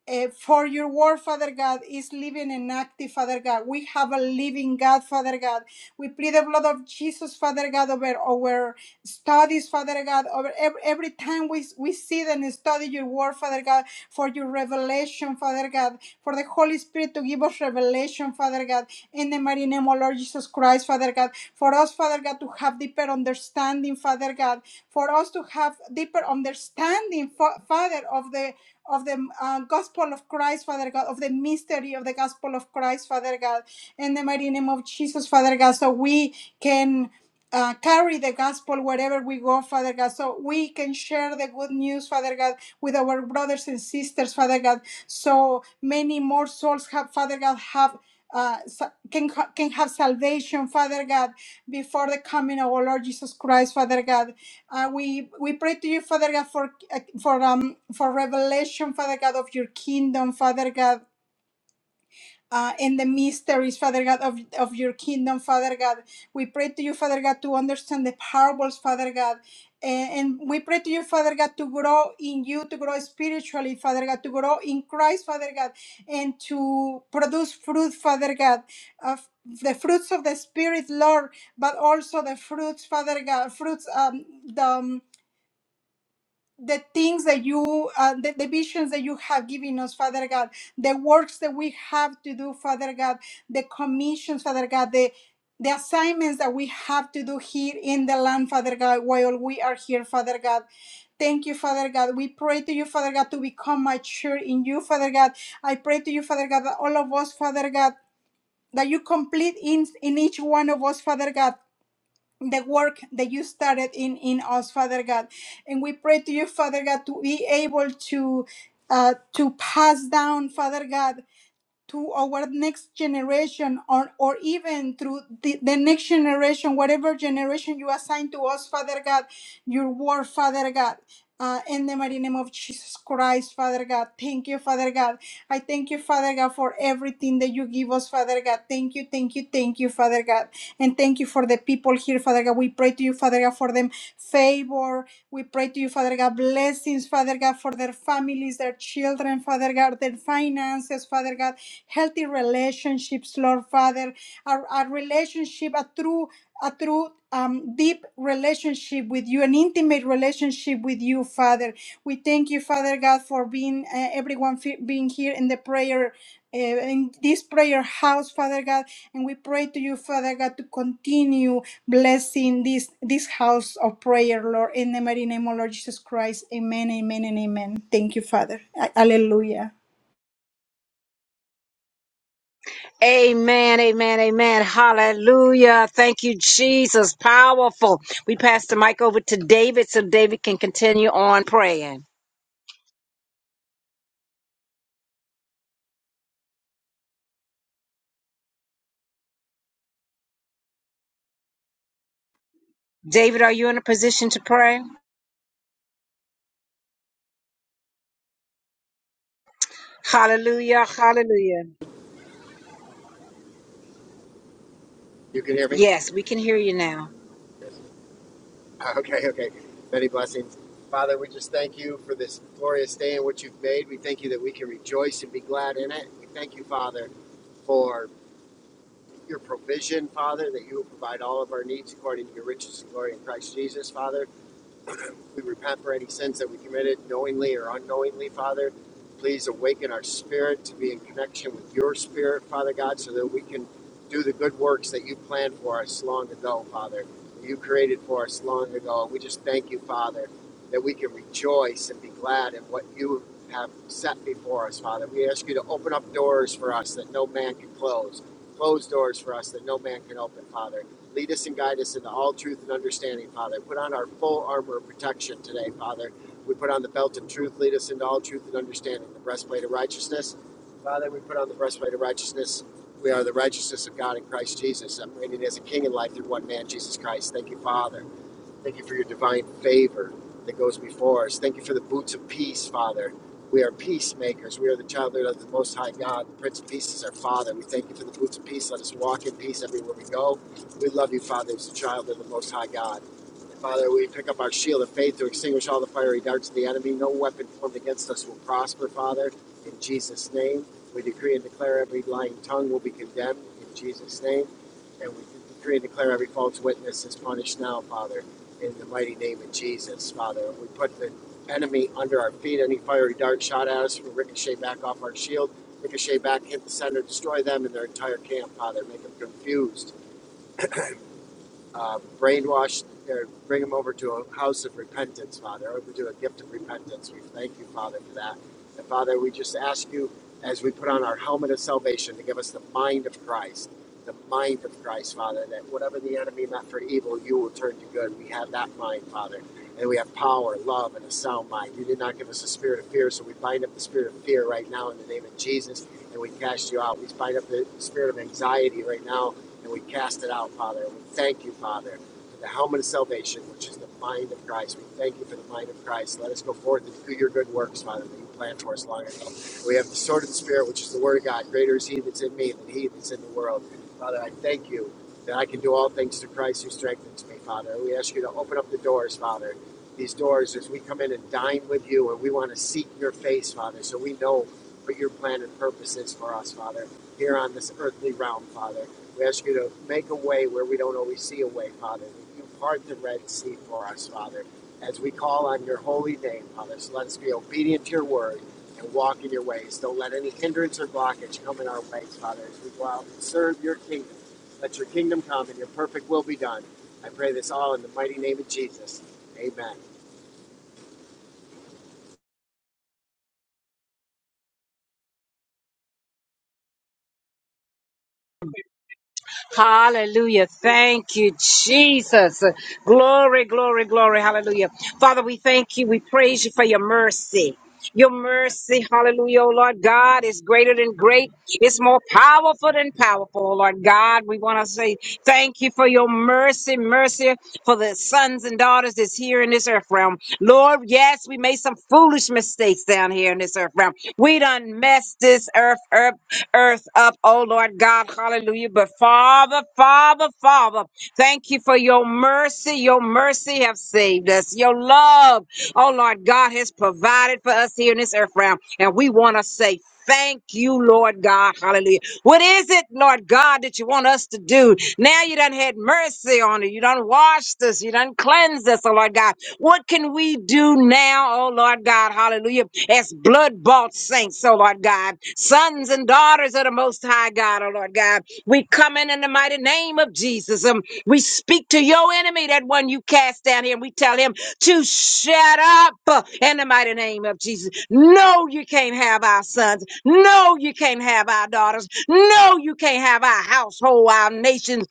[SPEAKER 3] uh, for your word, Father God, is living and active, Father God. We have a living God, Father God. We plead the blood of Jesus, Father God, over our studies, Father God, over every, every time we, we sit and study your word, Father God, for your revelation, Father God, for the Holy Spirit to give us revelation, Father God, in the mighty name of Lord Jesus Christ, Father God, for us, Father God, to have deeper understanding, Father God, for us to have deeper understanding, Fa- Father, of the of the uh, gospel of Christ, Father God, of the mystery of the gospel of Christ, Father God, in the mighty name of Jesus, Father God, so we can uh, carry the gospel wherever we go, Father God, so we can share the good news, Father God, with our brothers and sisters, Father God, so many more souls have, Father God, have. Uh, sa- can ha- can have salvation, Father God, before the coming of our Lord Jesus Christ, Father God. Uh, we we pray to you, Father God, for uh, for um for revelation, Father God, of your kingdom, Father God uh, and the mysteries, Father God, of, of your kingdom, Father God. We pray to you, Father God, to understand the parables, Father God. And, and we pray to you, Father God, to grow in you, to grow spiritually, Father God, to grow in Christ, Father God, and to produce fruit, Father God, of the fruits of the Spirit, Lord, but also the fruits, Father God, fruits, um, the. um, the things that you, uh, the, the visions that you have given us, Father God, the works that we have to do, Father God, the commissions, Father God, the the assignments that we have to do here in the land, Father God, while we are here, Father God. Thank you, Father God. We pray to you, Father God, to become mature in you, Father God. I pray to you, Father God, that all of us, Father God, that you complete in, in each one of us, Father God the work that you started in in us father god and we pray to you father god to be able to uh, to pass down father god to our next generation or, or even through the, the next generation, whatever generation you assign to us, Father God, your word, Father God. Uh, in the mighty name of Jesus Christ, Father God. Thank you, Father God. I thank you, Father God, for everything that you give us, Father God. Thank you, thank you, thank you, Father God. And thank you for the people here, Father God. We pray to you, Father God, for them favor. We pray to you, Father God, blessings, Father God, for their families, their children, Father God, their finances, Father God healthy relationships, Lord Father, a, a relationship, a true, a true um, deep relationship with you, an intimate relationship with you, Father. We thank you, Father God, for being uh, everyone fe- being here in the prayer, uh, in this prayer house, Father God, and we pray to you, Father God, to continue blessing this this house of prayer, Lord, in the mighty name of Lord Jesus Christ. Amen, amen, and amen. Thank you, Father. A- Hallelujah.
[SPEAKER 1] Amen, amen, amen. Hallelujah. Thank you, Jesus. Powerful. We pass the mic over to David so David can continue on praying. David, are you in a position to pray? Hallelujah, hallelujah.
[SPEAKER 4] You can hear me?
[SPEAKER 1] Yes, we can hear you now.
[SPEAKER 4] Yes. Okay, okay. Many blessings. Father, we just thank you for this glorious day and what you've made. We thank you that we can rejoice and be glad in it. We thank you, Father, for your provision, Father, that you will provide all of our needs according to your riches and glory in Christ Jesus, Father. We repent for any sins that we committed knowingly or unknowingly, Father. Please awaken our spirit to be in connection with your spirit, Father God, so that we can do the good works that you planned for us long ago, Father. that You created for us long ago. We just thank you, Father, that we can rejoice and be glad in what you have set before us, Father. We ask you to open up doors for us that no man can close. Close doors for us that no man can open, Father. Lead us and guide us into all truth and understanding, Father. Put on our full armor of protection today, Father. We put on the belt of truth. Lead us into all truth and understanding. The breastplate of righteousness, Father. We put on the breastplate of righteousness. We are the righteousness of God in Christ Jesus, reigning as a king in life through one man, Jesus Christ. Thank you, Father. Thank you for your divine favor that goes before us. Thank you for the boots of peace, Father. We are peacemakers. We are the childhood of the Most High God. The Prince of Peace is our Father. We thank you for the boots of peace. Let us walk in peace everywhere we go. We love you, Father, as a child of the Most High God. And Father, we pick up our shield of faith to extinguish all the fiery darts of the enemy. No weapon formed against us will prosper, Father. In Jesus' name, we decree and declare every lying tongue will be condemned. In Jesus' name, and we decree and declare every false witness is punished now, Father in the mighty name of Jesus, Father. We put the enemy under our feet. Any fiery dart shot at us will ricochet back off our shield, ricochet back, hit the center, destroy them and their entire camp. Father, make them confused, uh, brainwashed, or bring them over to a house of repentance, Father, over to a gift of repentance. We thank you, Father, for that. And Father, we just ask you as we put on our helmet of salvation to give us the mind of Christ. The mind of Christ, Father, that whatever the enemy meant for evil, you will turn to good. We have that mind, Father and we have power, love, and a sound mind. You did not give us a spirit of fear, so we bind up the spirit of fear right now in the name of Jesus, and we cast you out. We bind up the spirit of anxiety right now, and we cast it out, Father. And we thank you, Father, for the helmet of salvation, which is the mind of Christ. We thank you for the mind of Christ. Let us go forth and do your good works, Father, that you planned for us long ago. We have the sword of the Spirit, which is the Word of God. Greater is He that's in me than He that's in the world. Father, I thank you that I can do all things through Christ who strengthens me, Father. We ask you to open up the doors, Father. These doors as we come in and dine with you, and we want to seek your face, Father, so we know what your plan and purpose is for us, Father, here on this earthly realm, Father. We ask you to make a way where we don't always see a way, Father. you part the Red Sea for us, Father. As we call on your holy name, others, let us be obedient to your word and walk in your ways. Don't let any hindrance or blockage come in our way, Father, as we go out and serve your kingdom. Let your kingdom come and your perfect will be done. I pray this all in the mighty name of Jesus. Amen.
[SPEAKER 1] Hallelujah. Thank you, Jesus. Glory, glory, glory. Hallelujah. Father, we thank you. We praise you for your mercy. Your mercy, hallelujah, oh Lord God, is greater than great. It's more powerful than powerful, oh Lord God. We want to say thank you for your mercy, mercy for the sons and daughters that's here in this earth realm. Lord, yes, we made some foolish mistakes down here in this earth realm. We done messed this earth up earth up, oh Lord God, hallelujah. But Father, Father, Father, thank you for your mercy. Your mercy have saved us. Your love, oh Lord God, has provided for us here in this earth realm. And we want to say, Thank you, Lord God. Hallelujah. What is it, Lord God, that you want us to do? Now you done had mercy on us. You done washed us. You done cleansed us, oh Lord God. What can we do now, oh Lord God, hallelujah, as blood bought saints, oh Lord God, sons and daughters of the Most High God, oh Lord God? We come in in the mighty name of Jesus. Um, we speak to your enemy, that one you cast down here, and we tell him to shut up uh, in the mighty name of Jesus. No, you can't have our sons. No, you can't have our daughters. No, you can't have our household, our nations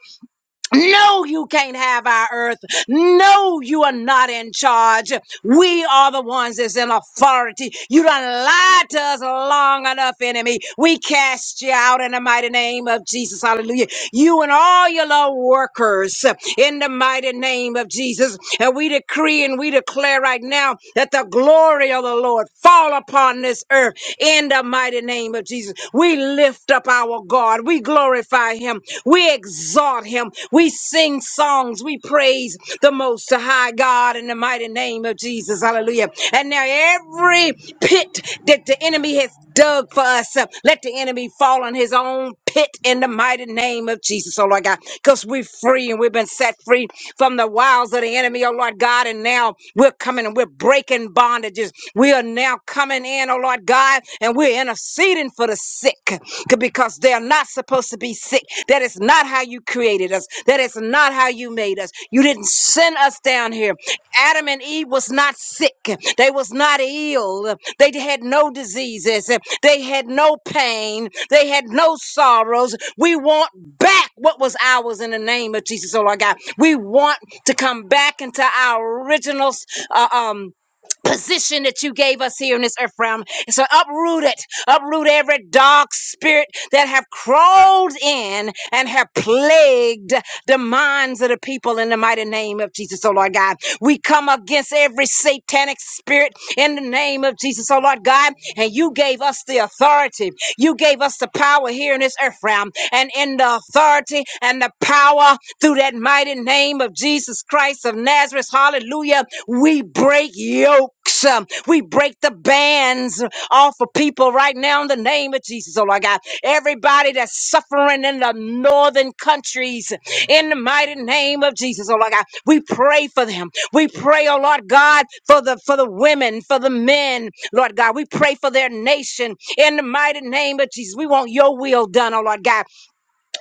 [SPEAKER 1] no, you can't have our earth. No, you are not in charge. We are the ones that's in authority. You done lied to us long enough, enemy. We cast you out in the mighty name of Jesus. Hallelujah. You and all your little workers in the mighty name of Jesus. And we decree and we declare right now that the glory of the Lord fall upon this earth in the mighty name of Jesus. We lift up our God. We glorify him. We exalt him. We sing songs. We praise the most high God in the mighty name of Jesus. Hallelujah. And now every pit that the enemy has dug for us, uh, let the enemy fall on his own pit in the mighty name of Jesus. Oh Lord God, because we're free and we've been set free from the wiles of the enemy enemy, oh Lord God. And now we're coming and we're breaking bondages. We are now coming in, oh Lord God, and we're interceding for the sick c- because they're not supposed to be sick. That is not how you created us. That is not how you made us. You didn't send us down here. Adam and Eve was not sick. They was not ill. They had no diseases. They had no pain. They had no sorrows. We want back what was ours in the name of Jesus, oh Lord God. We want to come back into our original uh, um, position that you gave us here in this earth realm. and So uproot it. Uproot every dark spirit that have crawled in and have plagued the minds of the people in the mighty name of Jesus, oh Lord God. We come against every satanic spirit in the name of Jesus, oh Lord God. And you gave us the authority. You gave us the power here in this earth realm. And in the authority and the power through that mighty name of Jesus Christ of Nazareth. Hallelujah. We break yokes. um, We break the bands off of people right now in the name of Jesus. Oh, Lord God. Everybody that's suffering in the northern countries in the mighty name of Jesus. Oh, Lord God. We pray for them. We pray, oh Lord God, for the for the women, for the men, Lord God. We pray for their nation in the mighty name of Jesus. We want your will done, oh Lord God.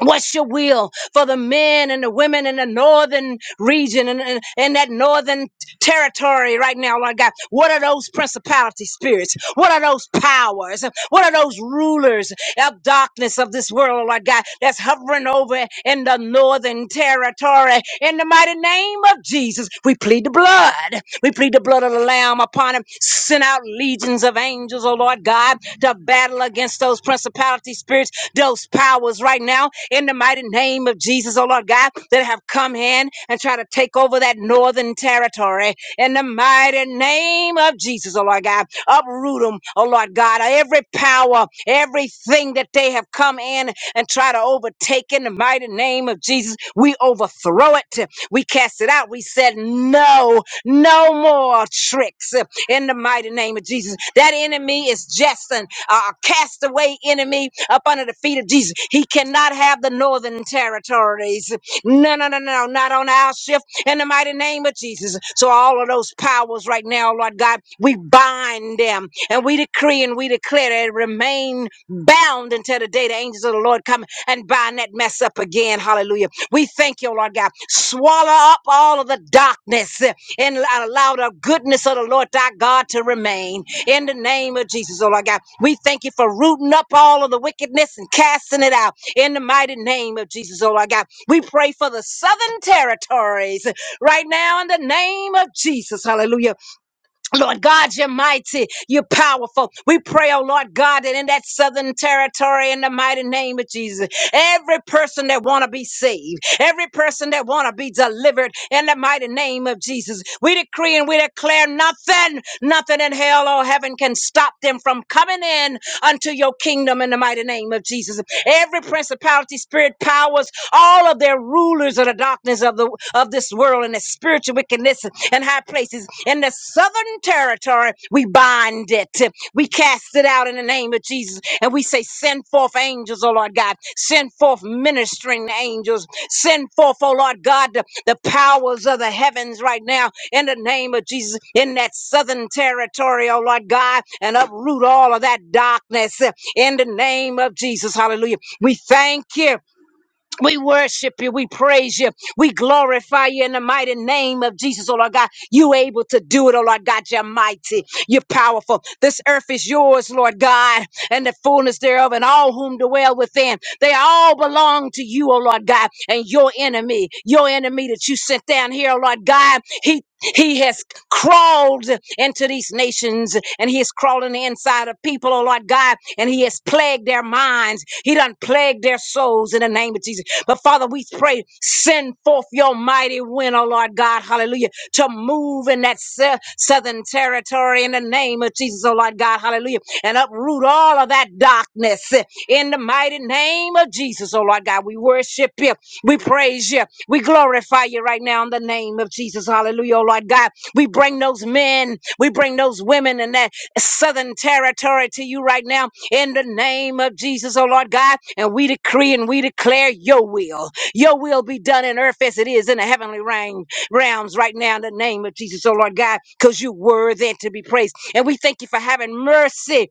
[SPEAKER 1] What's your will for the men and the women in the northern region and in, in that northern territory right now, Lord God? What are those principality spirits? What are those powers? What are those rulers of darkness of this world, Lord God, that's hovering over in the northern territory? In the mighty name of Jesus, we plead the blood. We plead the blood of the Lamb upon him. Send out legions of angels, oh Lord God, to battle against those principality spirits those powers right now in the mighty name of Jesus, oh Lord God, that have come in and try to take over that northern territory in the mighty name of Jesus, oh Lord God. Uproot them, oh Lord God. Every power, everything that they have come in and try to overtake in the mighty name of Jesus, we overthrow it. We cast it out. We said, no, no more tricks in the mighty name of Jesus. That enemy is Jetson, a castaway enemy up under the feet of Jesus. He cannot have the northern territories. No, no, no, no, not on our shift in the mighty name of Jesus. So all of those powers right now, Lord God, we bind them and we decree and we declare that it remain bound until the day the angels of the Lord come and bind that mess up again. Hallelujah. We thank you, Lord God. Swallow up all of the darkness and allow the goodness of the Lord thy God to remain. In the name of Jesus, oh Lord God, we thank you for rooting up all of the wickedness and casting it out. In the mighty name of Jesus, oh Lord God, we pray for the southern territories right now in the name of Jesus. Hallelujah. Lord God, you're mighty, you're powerful. We pray, oh Lord God, that in that southern territory, in the mighty name of Jesus, every person that want to be saved, every person that want to be delivered, in the mighty name of Jesus, we decree and we declare nothing, nothing in hell or heaven can stop them from coming in unto your kingdom in the mighty name of Jesus. Every principality, spirit, powers, all of their rulers of the darkness of the of this this world and the spiritual wickedness in high places. In the southern territory, we bind it. We cast it out in the name of Jesus. And we say, send forth angels, oh Lord God. Send forth ministering angels. Send forth, oh Lord God, the, the powers of the heavens right now in the name of Jesus in that southern territory, oh Lord God, and uproot all of that darkness in the name of Jesus. Hallelujah. We thank you. We worship you. We praise you. We glorify you in the mighty name of Jesus, oh Lord God. You able to do it, oh Lord God. You're mighty. You're powerful. This earth is yours, Lord God, and the fullness thereof, and all whom dwell within. They all belong to you, oh Lord God. And your enemy, your enemy that you sent down here, oh Lord God, he he has crawled into these nations and he is crawling inside of people, oh Lord God, and he has plagued their minds. He done plagued their souls in the name of Jesus. But Father, we pray, send forth your mighty wind, oh Lord God, hallelujah, to move in that sou- southern territory in the name of Jesus, oh Lord God, hallelujah, and uproot all of that darkness eh, in the mighty name of Jesus, oh Lord God. We worship you. We praise you. We glorify you right now in the name of Jesus. Hallelujah, oh Lord God. We bring those men, we bring those women in that southern territory to you right now in the name of Jesus, oh Lord God. And we decree and we declare your will. Your will be done in earth as it is in the heavenly realm, realms right now in the name of Jesus, oh Lord God, because you're worthy to be praised. And we thank you for having mercy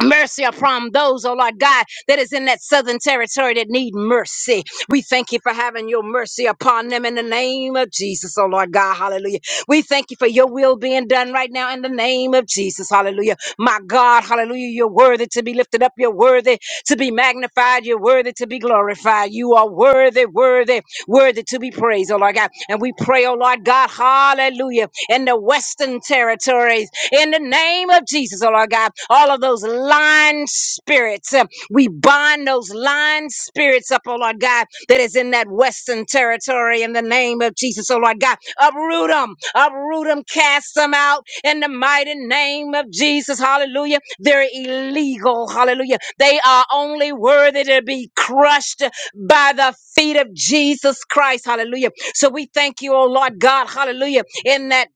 [SPEAKER 1] Mercy upon those, oh Lord God, that is in that southern territory that need mercy. We thank you for having your mercy upon them in the name of Jesus, oh Lord God, hallelujah. We thank you for your will being done right now in the name of Jesus, hallelujah. My God, hallelujah, you're worthy to be lifted up, you're worthy to be magnified, you're worthy to be glorified. You are worthy, worthy, worthy to be praised, oh Lord God. And we pray, oh Lord God, hallelujah, in the western territories in the name of Jesus, oh Lord God. All of those lying spirits, uh, we bind those lying spirits up, oh Lord God, that is in that western territory in the name of Jesus, oh Lord God. Uproot them, uproot them, cast them out in the mighty name of Jesus, hallelujah. They're illegal, hallelujah. They are only worthy to be crushed by the feet of Jesus Christ, hallelujah. So we thank you, oh Lord God, hallelujah, in that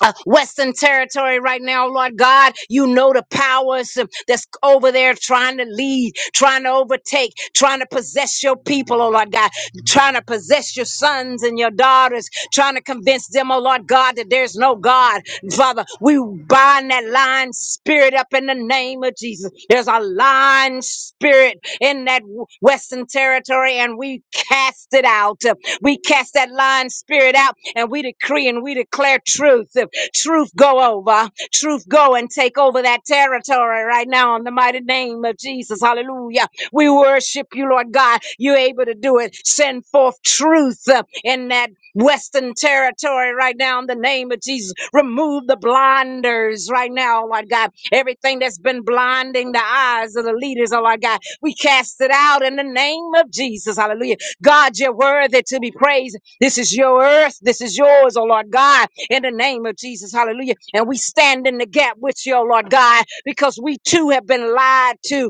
[SPEAKER 1] uh, Western territory right now, Lord God. You know the powers um, that's over there trying to lead, trying to overtake, trying to possess your people, oh Lord God, trying to possess your sons and your daughters, trying to convince them, oh Lord God, that there's no God. Father, we bind that lying spirit up up in the name of Jesus. There's a lying spirit in that Western territory, and we cast it out. We cast that lying spirit out, and we decree and we declare truth. Truth go over. Truth go and take over that territory right now in the mighty name of Jesus. Hallelujah. We worship you, Lord God. You're able to do it. Send forth truth uh, in that Western territory right now in the name of Jesus. Remove the blinders right now, Lord God. Everything that's been blinding the eyes of the leaders, oh Lord God, we cast it out in the name of Jesus. Hallelujah. God, you're worthy to be praised. This is your earth. This is yours, oh Lord God, in the name of Jesus. Hallelujah. And we stand in the gap with you, oh Lord God, because we too have been lied to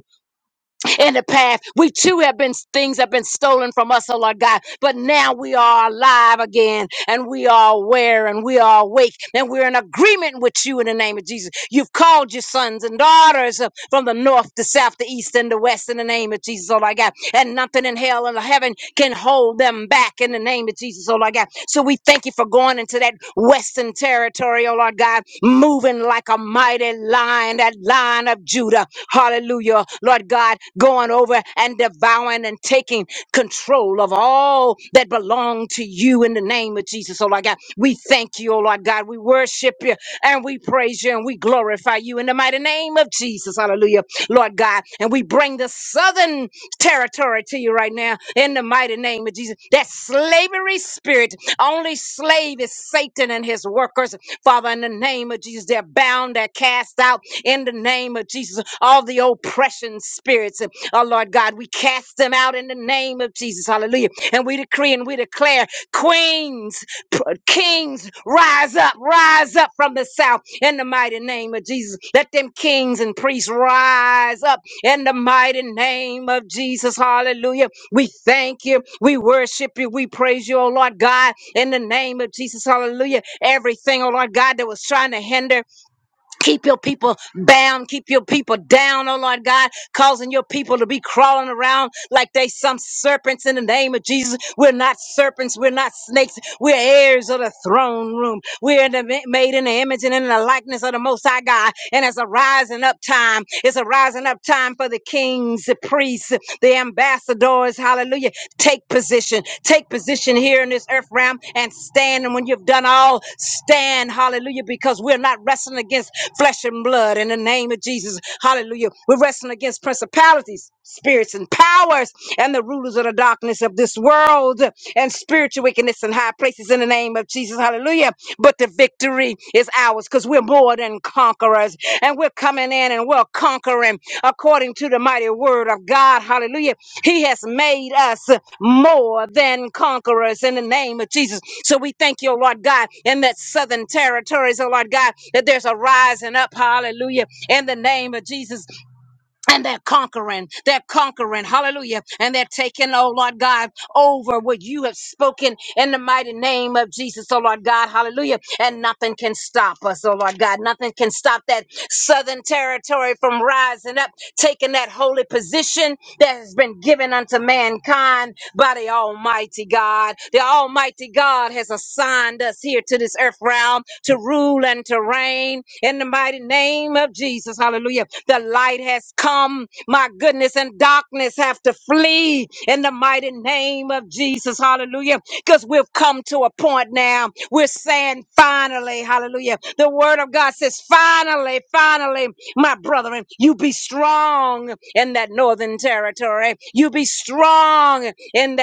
[SPEAKER 1] in the past. We too have been things have been stolen from us, oh Lord God. But now we are alive again and we are aware and we are awake and we're in agreement with you in the name of Jesus. You've called your sons and daughters uh, from the north, the south, the east, and the west in the name of Jesus, oh Lord God. And nothing in hell and heaven can hold them back in the name of Jesus, oh Lord God. So we thank you for going into into that western territory, oh Lord God, moving like a mighty lion, that lion of Judah. Hallelujah. Lord God, going over and devouring and taking control of all that belong to you in the name of Jesus. Oh Lord God, we thank you, oh Lord God. We worship you and we praise you and we glorify you in the mighty name of Jesus. Hallelujah. Lord God. And we bring the southern territory to you right now in the mighty name of Jesus. That slavery spirit, only slave is Satan and his workers. Father, in the name of Jesus, they're bound, they're cast out in the name of Jesus. All the oppression spirits, oh Lord God, we cast them out in the name of Jesus. Hallelujah. And we decree and we declare queens. Kings, rise up, rise up from the south in the mighty name of Jesus. Let them kings and priests rise up in the mighty name of Jesus. Hallelujah. We thank you. We worship you. We praise you, oh Lord God, in the name of Jesus. Hallelujah. Everything, oh Lord God, that was trying to hinder Keep your people bound. Keep your people down, oh Lord God, causing your people to be crawling around like they some serpents in the name of Jesus. We're not serpents. We're not snakes. We're heirs of the throne room. We're in the, made in the image and in the likeness of the Most High God. And it's a rising up time. It's a rising up time for the kings, the priests, the ambassadors ambassadors, hallelujah. Take position, take position here in this earth realm and stand. And when you've done all, stand, hallelujah, because we're not wrestling against flesh and blood in the name of Jesus, hallelujah. We're wrestling against principalities, spirits, and powers, and the rulers of the darkness of this world and spiritual wickedness in high places in the name of Jesus, hallelujah. Hallelujah. But the victory is ours because we're more than conquerors and we're coming in and we're conquering according to the mighty word of God. Hallelujah. He has made us more than conquerors in the name of Jesus. So we thank you, oh Lord God, in that southern territories, oh Lord God, that there's a rising up. Hallelujah. In the name of Jesus and they're conquering, they're conquering, hallelujah, and they're taking, oh Lord God, over what you have spoken in the mighty name of Jesus, oh Lord God, hallelujah, and nothing can stop us, oh Lord God, nothing can stop that southern territory from rising up, taking that holy position that has been given unto mankind by the Almighty God. The Almighty God has assigned us here to this earth realm to rule and to reign in the mighty name of Jesus. Hallelujah. The light has come. My goodness and darkness have to flee in the mighty name of Jesus. Hallelujah. Because we've come to a point now. We're saying finally, hallelujah. The word of God says, finally, finally, my brethren, you be strong in that northern territory. You be strong in that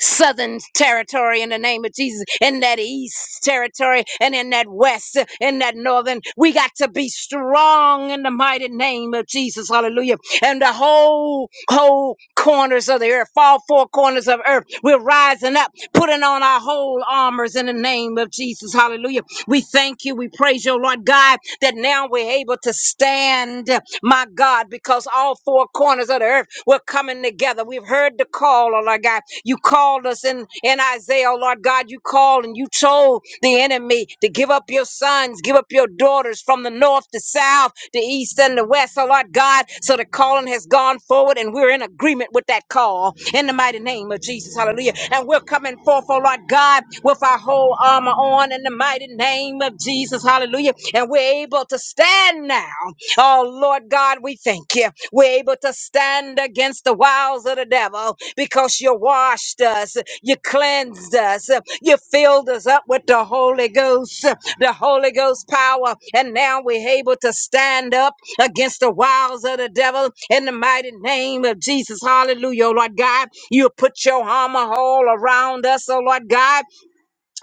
[SPEAKER 1] southern territory in the name of Jesus, in that east territory, and in that west, in that northern. We got to be strong in the mighty name of Jesus. Hallelujah. And the whole, whole corners of the earth, all four corners of earth, we're rising up, putting on our whole armors in the name of Jesus. Hallelujah. We thank you. We praise you, Lord God, that now we're able to stand, my God, because all four corners of the earth earth. We're coming together. We've heard the call, oh Lord God. You called us in, in Isaiah, oh Lord God. You called and you told the enemy to give up your sons, give up your daughters from the north to south, the east and the west, oh Lord God. So the calling has gone forward and we're in agreement with that call in the mighty name of Jesus. Hallelujah. And we're coming forth, oh Lord God, with our whole armor on in the mighty name of Jesus. Hallelujah. And we're able to stand now. Oh, Lord God, we thank you. We're able to stand against the wiles of the devil because you washed us, you cleansed us, you filled us up with the Holy Ghost, the Holy Ghost power. And now we're able to stand up against the wiles of the devil in the mighty name of Jesus. Hallelujah, oh Lord God. You put your armor all around us, oh Lord God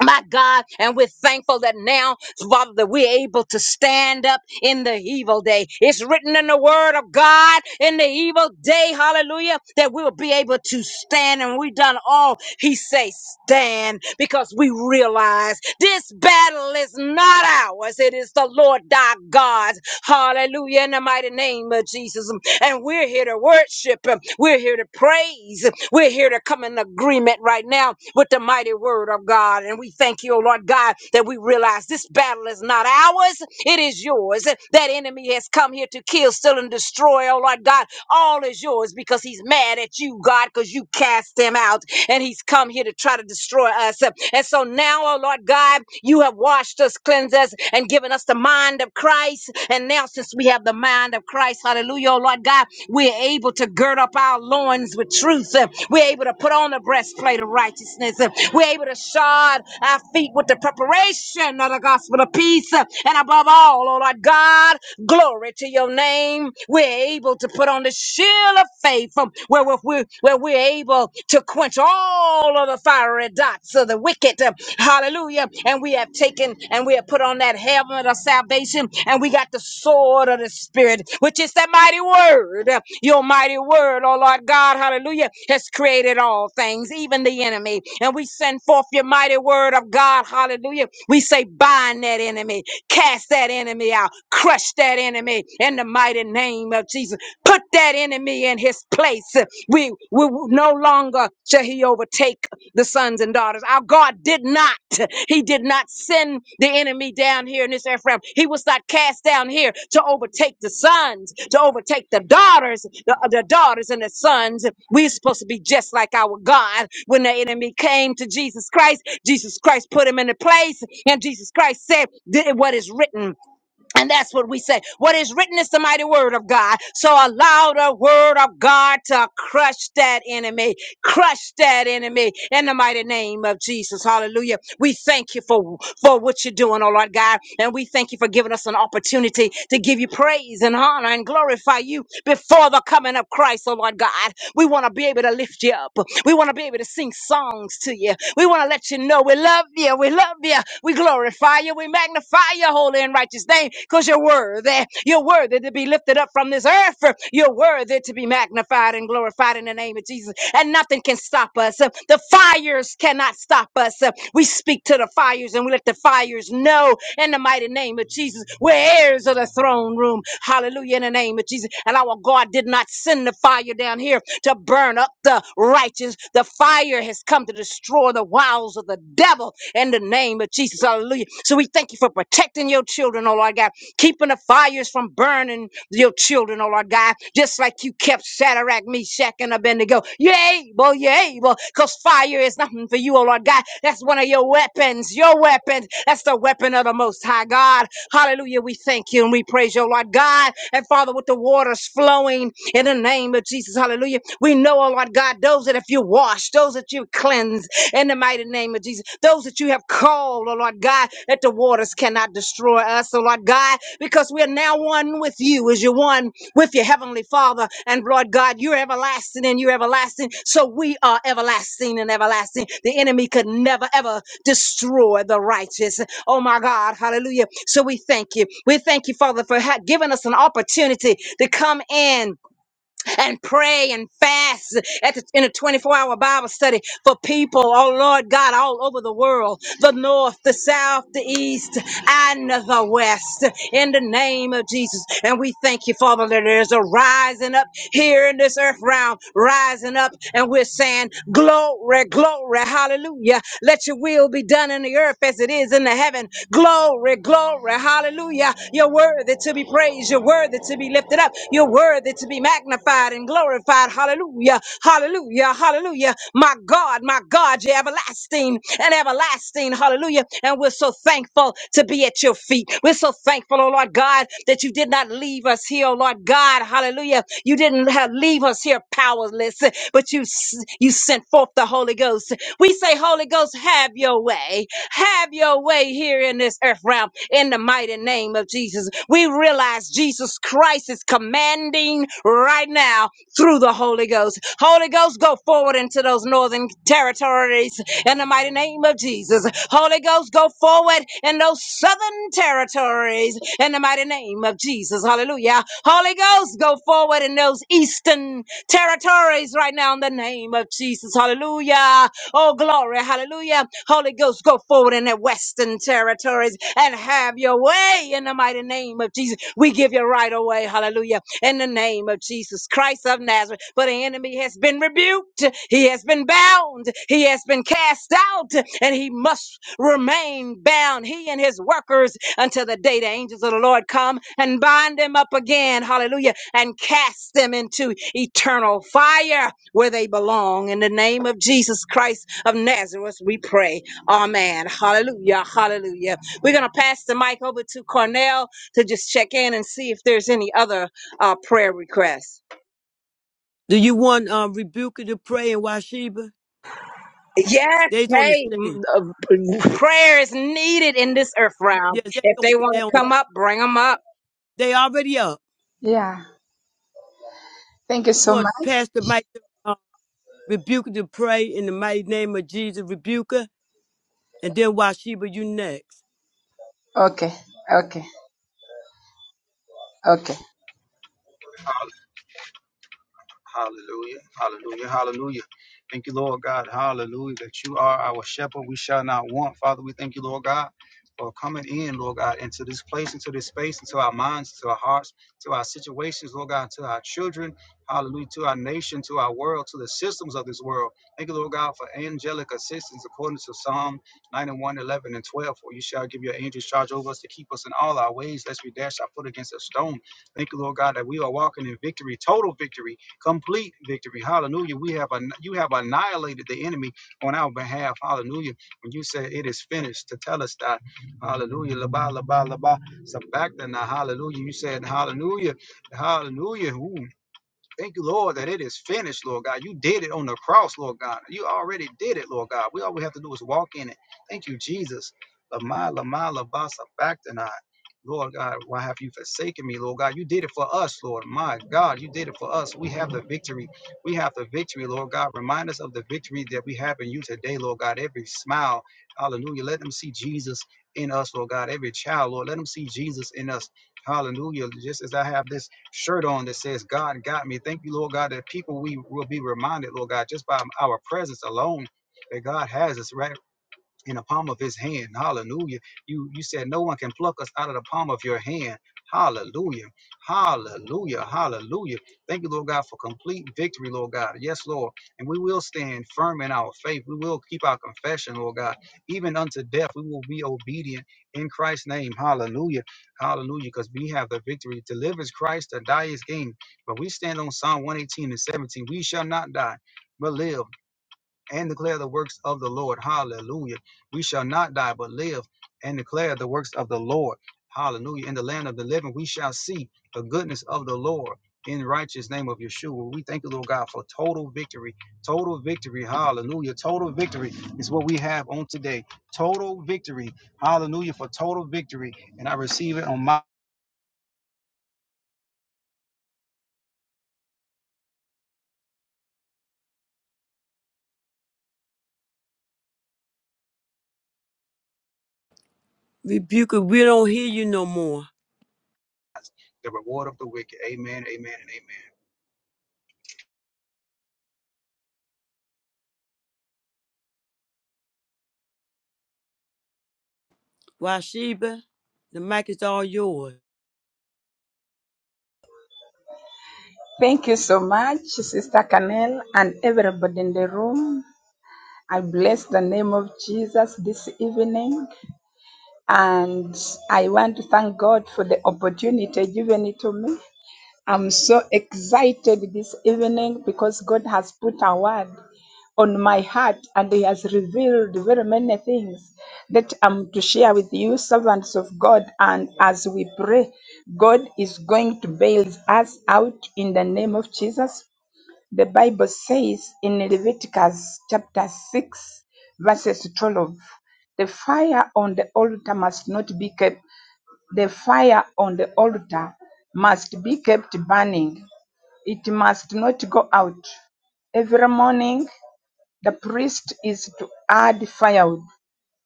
[SPEAKER 1] my God, and we're thankful that now, Father, that we're able to stand up in the evil day. It's written in the word of God in the evil day, hallelujah, that we will be able to stand and we've done all he says stand because we realize this battle is not ours. It is the Lord thy God. Hallelujah. In the mighty name of Jesus. And we're here to worship him. We're here we're here to praise. We're here to come in agreement right now with the mighty word of God. And we thank you, oh Lord God, that we realize this battle is not ours, it is yours. That enemy has come here to kill, steal, and destroy, oh Lord God. All is yours because he's mad at you, God, because you cast him out and he's come here to try to destroy us. And so now, oh Lord God, you have washed us, cleansed us, and given us the mind of Christ. Christ. And now, since we have the mind of Christ, hallelujah, oh Lord God, we're able to gird up our loins with truth. Uh, We're able to put on the breastplate of righteousness. Uh, We're able to shod our feet with the preparation of the gospel of peace. Uh, And above all, oh Lord God, glory to your name. We're able to put on the shield of faith um, where we're, we're- where we're able to quench all of the fiery dots of the the wicked. Hallelujah. And we have taken and we have put on that helmet of salvation and we got the sword of the Spirit, which is that mighty word. Your mighty word, oh Lord God, hallelujah, has created all things, even the enemy. And we send forth your mighty word of God, hallelujah. We say, bind that enemy, cast that enemy out, crush that enemy in the mighty name of Jesus. Put that enemy in his in his place. We, we no longer shall he overtake the sons and daughters. Our God did not. He did not send the enemy down here in this earth realm. He was not cast down here to overtake the sons, to overtake the daughters, the, the daughters and the sons. We're supposed to be just like our God. When the enemy came to Jesus Christ, Jesus Christ put him in the place, and Jesus Christ said, "Did what is written." And that's what we say. What is written is the mighty word of God. So allow the word of God to crush that enemy. Crush that enemy in the mighty name of Jesus. Hallelujah. We thank you for, for what you're doing, oh Lord God. And we thank you for giving us an opportunity to give you praise and honor and glorify you before the coming of Christ, oh Lord God. We want to be able to lift you up. We want to be able to sing songs to you. We want to let you know we love you. We love you. We glorify you. We magnify your holy and righteous name because you're worthy. You're worthy to be lifted up from this earth. You're worthy to be magnified and glorified in the name of Jesus. And nothing can stop us. The fires cannot stop us. We speak to the fires and we let the fires know in the mighty name of Jesus. We're heirs of the throne room. Hallelujah in the name of Jesus. And our God did not send the fire down here to burn up the righteous. The fire has come to destroy the wiles of the devil in the name of Jesus. Hallelujah. So we thank you for protecting your children, oh Lord God keeping the fires from burning your children, oh Lord God, just like you kept Shadrach, Meshach, and Abednego. You're able, you're able, because fire is nothing for you, oh Lord God. That's one of your weapons, your weapon. That's the weapon of the Most High God. Hallelujah. We thank you and we praise you, oh Lord God. And Father, with the waters flowing in the name of Jesus, hallelujah. We know, oh Lord God, those that if you wash, those that you cleanse, in the mighty name of Jesus. Those that you have called, oh Lord God, that the waters cannot destroy us, oh Lord God, because we are now one with you as you're one with your heavenly Father. And Lord God, you're everlasting and you're everlasting. So we are everlasting and everlasting. The enemy could never, ever destroy the righteous. Oh my God, hallelujah. So we thank you. We thank you, Father, for ha- giving us an opportunity to come in and pray and fast at the, in a 24 hour Bible study for people, oh Lord God, all over the world the north, the south, the east, and the west in the name of Jesus. And we thank you, Father, that there's a rising up here in this earth realm, rising up, and we're saying, Glory, glory, hallelujah. Let your will be done in the earth as it is in the heaven. Glory, glory, hallelujah. Hallelujah. You're worthy to be praised. You're worthy to be lifted up. You're worthy to be magnified and glorified. Hallelujah. Hallelujah. Hallelujah. My God, my God, you're everlasting and everlasting. Hallelujah. And we're so thankful to be at your feet. We're so thankful, oh Lord God, that you did not leave us here, oh Lord God. Hallelujah. You didn't have- leave us here powerless, but you s- you sent forth the Holy Ghost. We say, Holy Ghost, have your way. Have your way here in this earth realm in the mighty name of Jesus. We realize Jesus Christ is commanding right now through the Holy Ghost. Holy Ghost, go forward into those northern territories in the mighty name of Jesus. Holy Ghost, go forward in those southern territories in the mighty name of Jesus. Hallelujah. Holy Ghost, go forward in those eastern territories right now in the name of Jesus. Hallelujah. Oh, glory. Hallelujah. Holy Ghost, go forward in the Western territories and have your way in the mighty name of Jesus. We give you right away. Hallelujah in the name of Jesus Christ of Nazareth. For the enemy has been rebuked, he has been bound, he has been cast out, and he must remain bound, he and his workers, until the day the angels of the Lord come and bind them up again. Hallelujah. And cast them into eternal fire where they belong. In the name of Jesus Christ of Nazareth, we pray. Amen. Hallelujah. Hallelujah. We're going to pass the mic over to Cornell to just check in and see if there's any other uh, prayer requests.
[SPEAKER 2] Do you want um Rebuka to pray and Washiba?
[SPEAKER 1] Yes,
[SPEAKER 2] They's on the
[SPEAKER 1] hey,
[SPEAKER 2] stage.
[SPEAKER 1] m- uh, prayer is needed in this earth realm.
[SPEAKER 2] Yes, they
[SPEAKER 1] If
[SPEAKER 2] on
[SPEAKER 1] they want
[SPEAKER 2] they on
[SPEAKER 1] to
[SPEAKER 2] the,
[SPEAKER 1] come up, bring them up.
[SPEAKER 2] they already up.
[SPEAKER 5] Yeah. Thank you
[SPEAKER 2] You
[SPEAKER 5] so
[SPEAKER 2] want
[SPEAKER 5] much.
[SPEAKER 2] to pass the mic to um, Rebuka to pray in the mighty name of Jesus, Rebuka, and then Washiba, you next.
[SPEAKER 5] Okay. Okay. Okay.
[SPEAKER 6] Hallelujah. Hallelujah. Hallelujah. Thank you, Lord God. Hallelujah. That you are our shepherd. We shall not want. Father, we thank you, Lord God, for coming in, Lord God, into this place, into this space, into our minds, to our hearts, to our situations, Lord God, to our children. Hallelujah. To our nation, to our world, to the systems of this world. Thank you, Lord God, for angelic assistance according to Psalm 91, 11, and 12. For you shall give your angels charge over us to keep us in all our ways, lest we dash our foot against a stone. Thank you, Lord God, that we are walking in victory, total victory complete victory. Hallelujah. We have an, you have annihilated the enemy on our behalf. Hallelujah. When you say it is finished, to tell us that. Hallelujah. Laba laba laba. Sabachthana. Hallelujah. You said hallelujah. Hallelujah. Ooh, Thank you, Lord, that it is finished, Lord God. You did it on the cross, Lord God. You already did it, Lord God. We all we have to do is walk in it. Thank you, Jesus. Lamai, Lamai, Labasa, back tonight. Lord God, why have you forsaken me, Lord God? You did it for us, Lord. My God, you did it for us. We have the victory. We have the victory, Lord God. Remind us of the victory that we have in you today, Lord God. Every smile, hallelujah. Let them see Jesus in us, Lord God. Every child, Lord, let them see Jesus in us. Hallelujah. Just as I have this shirt on that says, God got me. Thank you, Lord God, that people we will be reminded, Lord God, just by our presence alone, that God has us, right? in the palm of his hand. Hallelujah. You you said no one can pluck us out of the palm of your hand. Hallelujah. Hallelujah. Hallelujah. Thank you, Lord God, for complete victory, Lord God. Yes, Lord. And we will stand firm in our faith. We will keep our confession, Lord God. Even unto death, we will be obedient in Christ's name. Hallelujah. Hallelujah. Because we have the victory. Delivers Christ, the die is gain. But we stand on Psalm 118 and 17. We shall not die, but live and declare the works of the Lord. Hallelujah. We shall not die, but live and declare the works of the Lord. Hallelujah. In the land of the living, we shall see the goodness of the Lord in the righteous name of Yeshua. We thank you, Lord God, for total victory. Total victory. Hallelujah. Total victory is what we have on today. Total victory. Hallelujah for total victory. And I receive it on my
[SPEAKER 2] Rebuka, we don't hear you no more.
[SPEAKER 6] the reward of the wicked. Amen. Amen. And amen.
[SPEAKER 2] Washiba, the mic is all yours.
[SPEAKER 5] Thank you so much, Sister Canel, and everybody in the room. I bless the name of Jesus this evening, and I want to thank God for the opportunity given to me. I'm so excited this evening because God has put a word on my heart and He has revealed very many things that I'm to share with you, servants of God. And as we pray, God is going to bail us out in the name of Jesus. The Bible says in Leviticus chapter 6, verses 12. The fire on the altar must not be kept. The fire on the altar must be kept burning. It must not go out. Every morning, the priest is to add firewood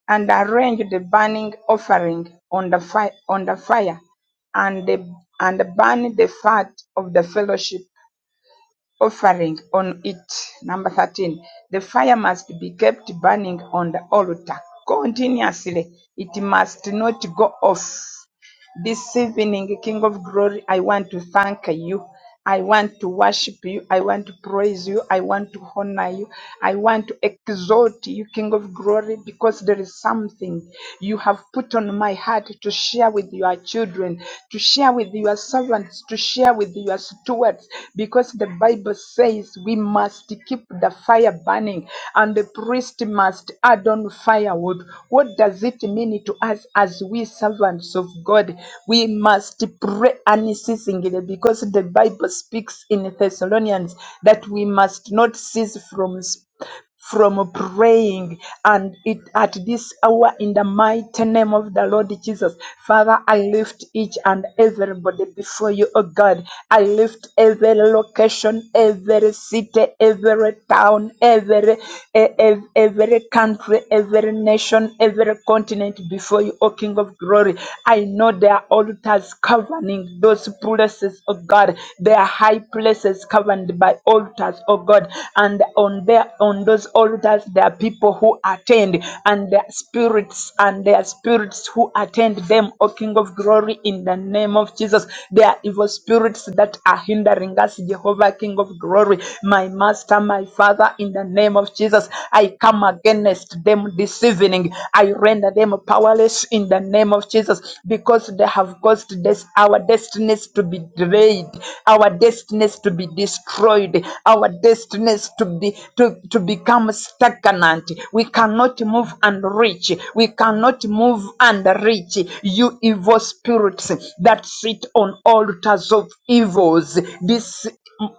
[SPEAKER 5] and arrange the burning offering on the fire, on the fire and, the- and burn the fat of the fellowship offering on it. Number 13. The fire must be kept burning on the altar continuously. It must not go off. This evening, King of Glory, I want to thank you. I want to worship you. I want to praise you. I want to honor you. I want to exalt you, King of Glory, because there is something you have put on my heart to share with your children, to share with your servants, to share with your stewards, because the Bible says we must keep the fire burning and the priest must add on firewood. What does it mean to us as we servants of God. We must pray unceasingly because the Bible speaks in Thessalonians that we must not cease from s- from praying and it at this hour in the mighty name of the Lord Jesus. Father, I lift each and everybody before you, O God. I lift every location, every city, every town, every e- ev- every, every country, every nation, every continent before you, O King of glory. I know there are altars covering those places, O God. There are high places covered by altars, O God. And on there, on those altars, there are people who attend, and their spirits and their spirits who attend them, O King of glory, in the name of Jesus. There are evil spirits that are hindering us, Jehovah, King of glory, my master, my Father, in the name of Jesus. I come against them this evening. I render them powerless in the name of Jesus because they have caused this, our destinies to be delayed, our destinies to be destroyed, our destinies to be to, to become stagnant. We cannot move and reach. We cannot move and reach. You evil spirits that sit on altars of evils. this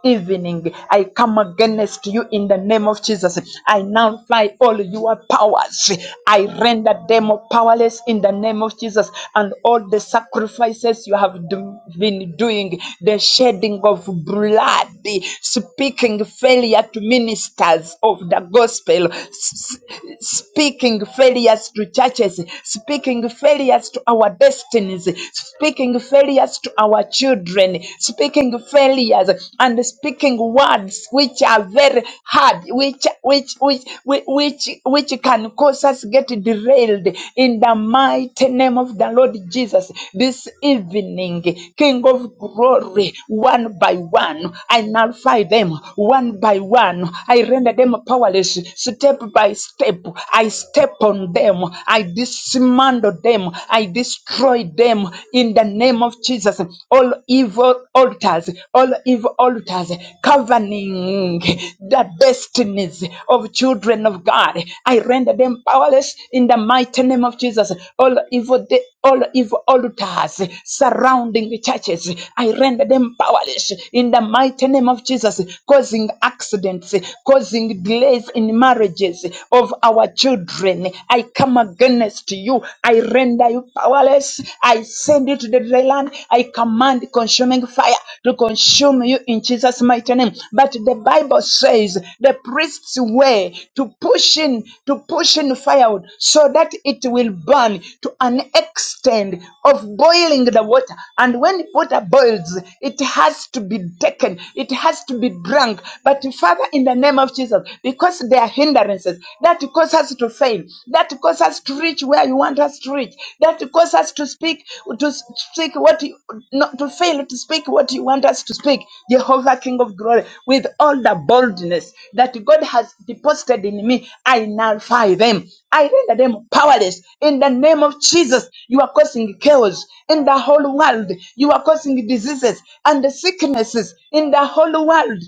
[SPEAKER 5] evening. I come against you in the name of Jesus. I nullify all your powers. I render them powerless in the name of Jesus. And all the sacrifices you have do- been doing, the shedding of blood, the speaking failure to ministers of the gospel, s- s- speaking failures to churches, speaking failures to our destinies, speaking failures to our children, speaking failures and speaking words which are very hard, which which which which which which can cause us get derailed in the mighty name of the Lord Jesus. This evening, King of glory, one by one, I nullify them one by one. I render them powerless step by step. I step on them. I dismantle them. I I destroy them in the name of Jesus. All evil altars, all evil altars governing the destinies of children of God. I render them powerless in the mighty name of Jesus. All evil de- all evil altars surrounding churches. I render them powerless in the mighty name of Jesus, causing accidents, causing delays in marriages of our children. I come against you. I render you powerless. I send you to the dry land. I command consuming fire to consume you in Jesus' mighty name. But the Bible says the priests were to push in, to push in firewood so that it will burn to an extent of boiling the water. And when water boils, it has to be taken, it has to be drunk. But Father, in the name of Jesus, because us their hindrances that cause us to fail, that cause us to reach where you want us to reach, that cause us to speak to speak what you not to fail to speak what you want us to speak. Jehovah King of Glory, with all the boldness that God has deposited in me, I nullify them. I render them powerless in the name of Jesus. You are causing chaos in the whole world. You are causing diseases and sicknesses in the whole world.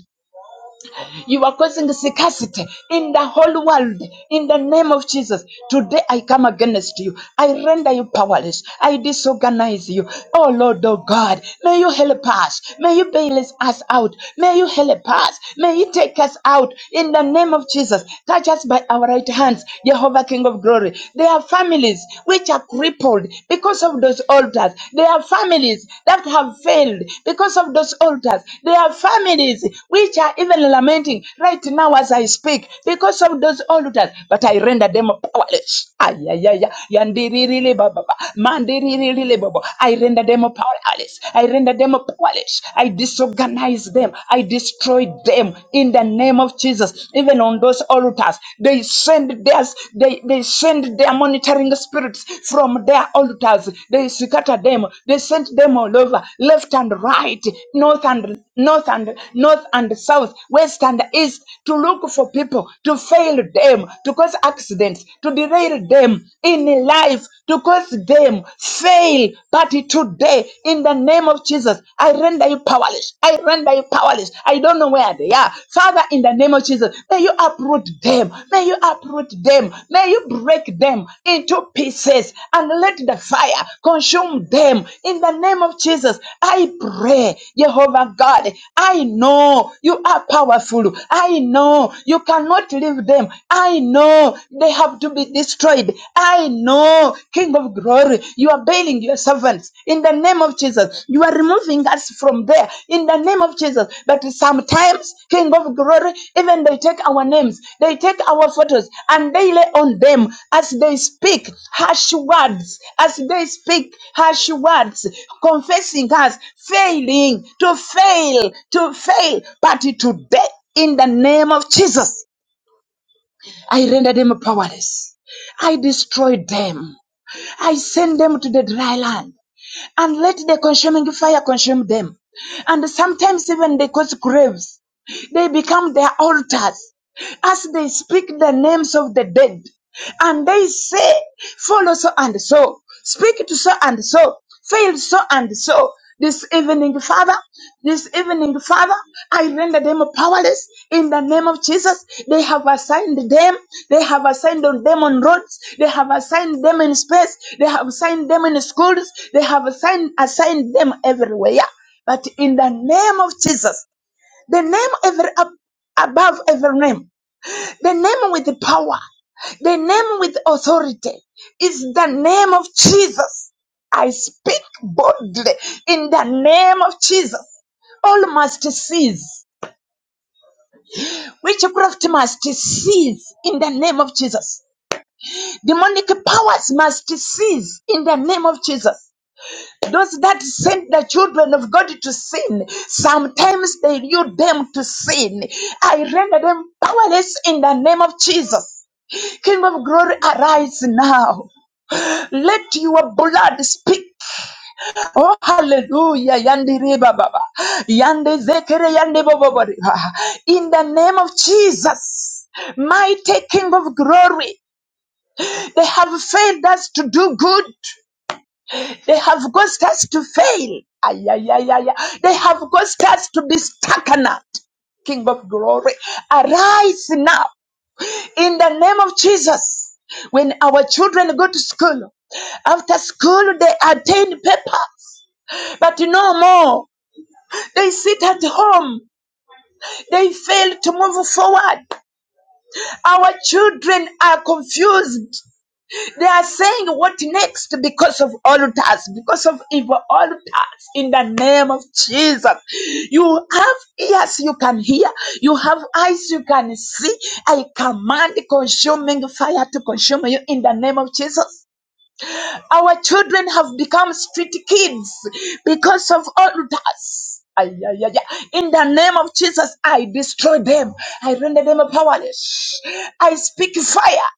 [SPEAKER 5] You are causing scarcity in the whole world. In the name of Jesus, today I come against you. I render you powerless. I disorganize you. Oh Lord, oh God, may you help us. May you bail us out. May you help us. May you take us out. In the name of Jesus, touch us by our right hands, Jehovah King of Glory. There are families which are crippled because of those altars. There are families families that have failed because of those altars. There are families which are even lamenting right now as I speak because of those altars, but I render them powerless. Ay, ay, ay, ay. Yandiririli baba, mandiriririli baba. I render them powerless. I render them powerless. I disorganize them. I destroy them in the name of Jesus. Even on those altars, they send their because they, they send their monitoring spirits from their altars. They scatter them. They sent them all over, left and right, north and north and north and south, west and east, to look for people, to fail them, to cause accidents, to derail them in life, to cause them fail. But today, in the name of Jesus, I render you powerless. I render you very powerless. I don't know where they are. Father, in the name of Jesus, may you uproot them. May you uproot them. May you break them into pieces and let the fire consume them. In the name of Jesus, I pray, Jehovah God, I know you are powerful. I know you cannot leave them. I know they have to be destroyed. I know, King of glory. You are bailing your servants in the name of Jesus. You are removing us from there in the name of Jesus. But sometimes, King of Glory, even they take our names, they take our photos, and they lay on them as they speak harsh words, as they speak harsh words, confessing us, failing to fail, to fail. But today, in the name of Jesus, I render them powerless. I destroyed them. I send them to the dry land and let the consuming fire consume them. And sometimes even they cause graves. They become their altars as they speak the names of the dead and they say, Follow so and so, speak to so and so, fail so and so. This evening, Father, this evening, Father, I render them powerless in the name of Jesus. They have assigned them, they have assigned on them on roads, they have assigned them in space, they have assigned them in schools, they have assigned, assigned them everywhere. But in the name of Jesus, the name every, above every name, the name with the power, the name with authority is the name of Jesus. I speak boldly in the name of Jesus. All must cease. Witchcraft must cease in the name of Jesus. Demonic powers must cease in the name of Jesus. Those that sent the children of God to sin, sometimes they knew them to sin. I render them powerless in the name of Jesus. King of glory, arise now. Let your blood speak. Oh, hallelujah. Yandi riba baba. Yande zekere yande bobo bori. In the name of Jesus, mighty King of glory, they have failed us to do good. They have caused us to fail. Ay, ay, ay, ay, ay. They have caused us to be stagnant. King of glory, arise now. in the name of Jesus. When our children go to school, after school they attend papers, but no more. They sit at home. They fail to move forward. Our children are confused. They are saying what next because of altars, because of evil altars in the name of Jesus. You have ears you can hear, you have eyes you can see. I command consuming fire to consume you in the name of Jesus. Our children have become street kids because of altars. Ay, ay, ay, ay. In the name of Jesus, I destroy them. I render them powerless. I speak fire.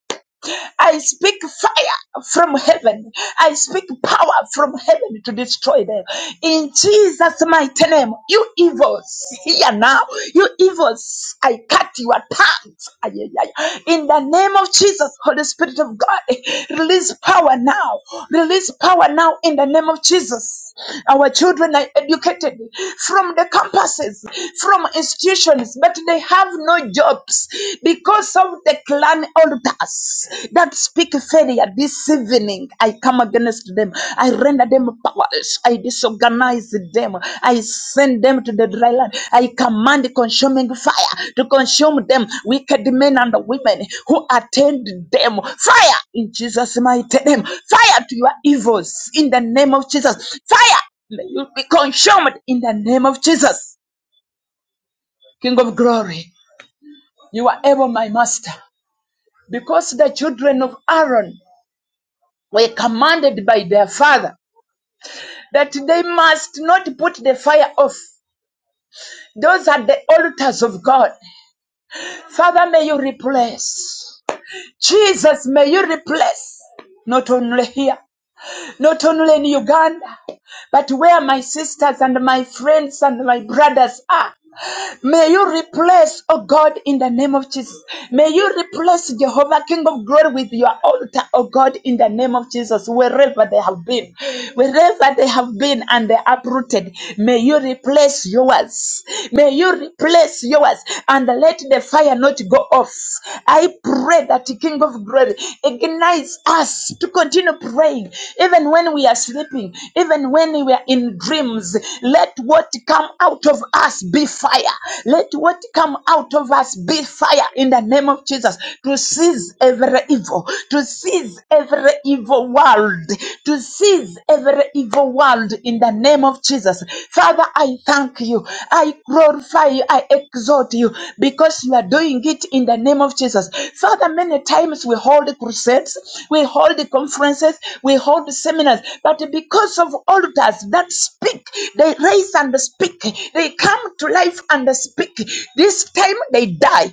[SPEAKER 5] I speak fire from heaven. I speak power from heaven to destroy them. In Jesus' mighty name, you evils, hear now. You evils, I cut your tongues. Ay, ay, ay. In the name of Jesus, Holy Spirit of God, release power now. Release power now in the name of Jesus. Our children are educated from the campuses, from institutions, but they have no job because of the clan elders that speak failure this evening. I come against them. I render them powerless. I disorganize them. I send them to the dry land. I command consuming fire to consume them, wicked men and women who attend them. Fire in Jesus' mighty name. Fire to your evils in the name of Jesus. Fire. May you be consumed in the name of Jesus. King of glory, you are able, my master because the children of Aaron were commanded by their father that they must not put the fire off. Those are the altars of God. Father, may you replace. Jesus, may you replace. Not only here, not only in Uganda, but where my sisters and my friends and my brothers are. May you replace, oh God, in the name of Jesus. May you replace Jehovah, King of glory, with your altar, oh God, in the name of Jesus, wherever they have been, wherever they have been and they are uprooted. May you replace yours. May you replace yours and let the fire not go off. I pray that King of glory, ignites us to continue praying, even when we are sleeping, even when we are in dreams. Let what come out of us be fire. Let what come out of us be fire in the name of Jesus to seize every evil, to seize every evil world, to seize every evil world in the name of of Jesus. Father, I thank you. I glorify you. I exalt you because you are doing it in the name of Jesus. Father, many times we hold crusades, we hold conferences, we hold seminars, but because of altars that speak, they raise and speak, they come to life and speak. This time they die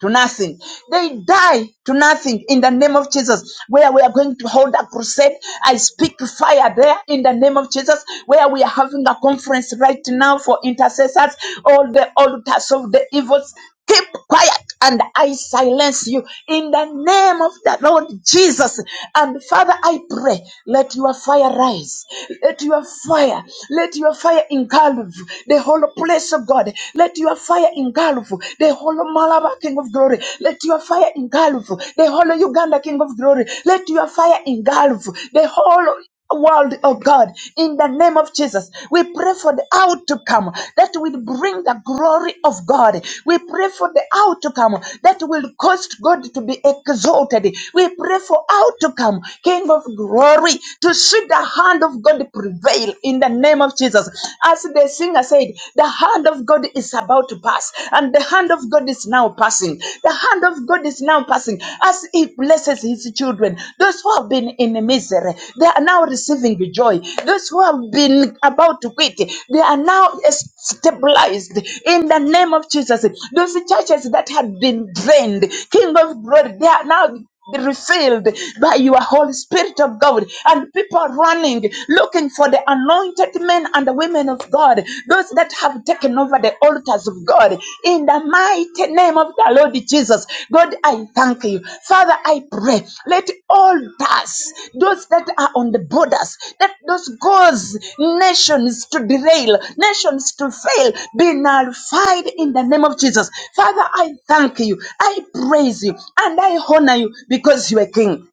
[SPEAKER 5] to nothing. They die to nothing in the name of Jesus. Where we are going to hold a crusade, I speak to fire there in the name of Jesus. Where we are having a conference right now for intercessors, all the altars of the evils, keep quiet and I silence you in the name of the Lord Jesus. And Father, I pray, let your fire rise. Let your fire, let your fire engulf the whole place of God. Let let your fire engulf the whole Malabar King of Glory. Let your fire engulf the whole Uganda King of Glory. Let your fire engulf the whole world of God in the name of Jesus. We pray for the outcome that will bring the glory of God. We pray for the outcome that will cause God to be exalted. We pray for outcome, King of glory, to see the hand of God prevail in the name of Jesus. As the singer said, the hand of God is about to pass, and the hand of God is now passing. The hand of God is now passing as He blesses His children. Those who have been in misery, they are now receiving joy. Those who have been about to quit, they are now stabilized in the name of Jesus. Those churches that had been drained, King of Glory, they are now be refilled by your Holy Spirit of God. And people running, looking for the anointed men and the women of God, those that have taken over the altars of God. In the mighty name of the Lord Jesus, God, I thank you. Father, I pray. Let altars, those that are on the borders, that those cause nations to derail, nations to fail, be nullified in the name of Jesus. Father, I thank you, I praise you, and I honor you because you are King.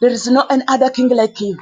[SPEAKER 5] There is no any other King like you.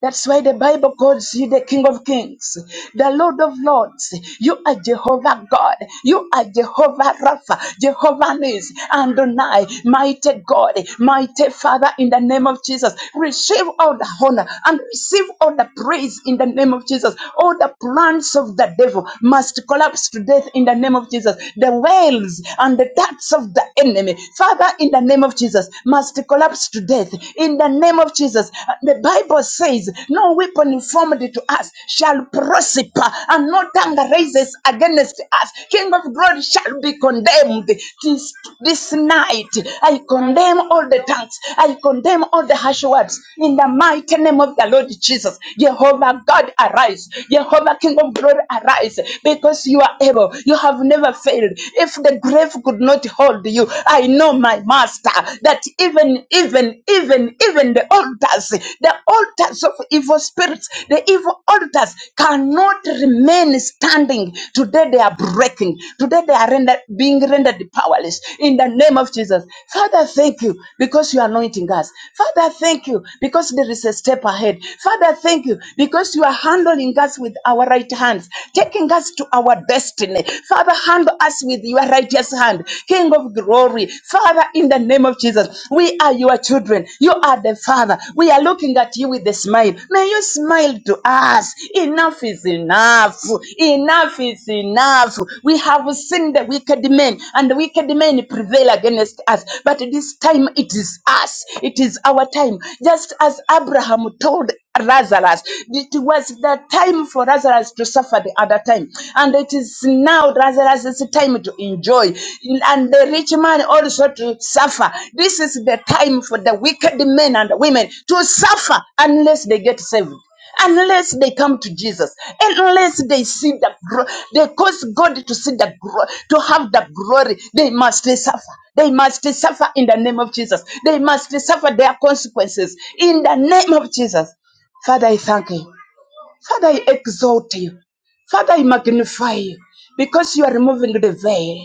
[SPEAKER 5] That's why the Bible calls you the King of Kings, the Lord of Lords. You are Jehovah God. You are Jehovah Rapha, Jehovah Nis, and Adonai, mighty God, mighty Father, in the name of Jesus. Receive all the honor and receive all the praise in the name of Jesus. All the plans of the devil must collapse to death in the name of Jesus. The wells and the darts of the enemy, Father, in the name of Jesus, must collapse to death to death in the name of Jesus. The Bible says, No weapon formed to us shall prosper, and no tongue raises against us. King of glory shall be condemned. This, this night, I condemn all the tongues, I condemn all the harsh words in the mighty name of the Lord Jesus. Jehovah God, arise. Jehovah King of glory, arise because you are able. You have never failed. If the grave could not hold you, I know my master that even, even, even, even the altars, the altars of evil spirits, the evil altars cannot remain standing. Today they are breaking. Today they are rendered, being rendered powerless in the name of Jesus. Father, thank you because you are anointing us. Father, thank you because there is a step ahead. Father, thank you because you are handling us with our right hands, taking us to our destiny. Father, handle us with your righteous hand, King of glory. Father, in the name of Jesus, we are your children. You are the Father. We are looking at you with a smile. May you smile to us. Enough is enough. Enough is enough. We have seen the wicked men, and the wicked men prevail against us. But this time it is us. It is our time. Just as Abraham told Lazarus. It was the time for Lazarus to suffer the other time. And it is now Lazarus' time to enjoy. And the rich man also to suffer. This is the time for the wicked men and women to suffer unless they get saved unless they come to Jesus, unless they see the gro- they cause God to see the gro- to have the glory, they must suffer. They must suffer in the name of Jesus. They must suffer their consequences in the name of Jesus. Father, I thank you. Father, I exalt you. Father, I magnify you because you are removing the veil.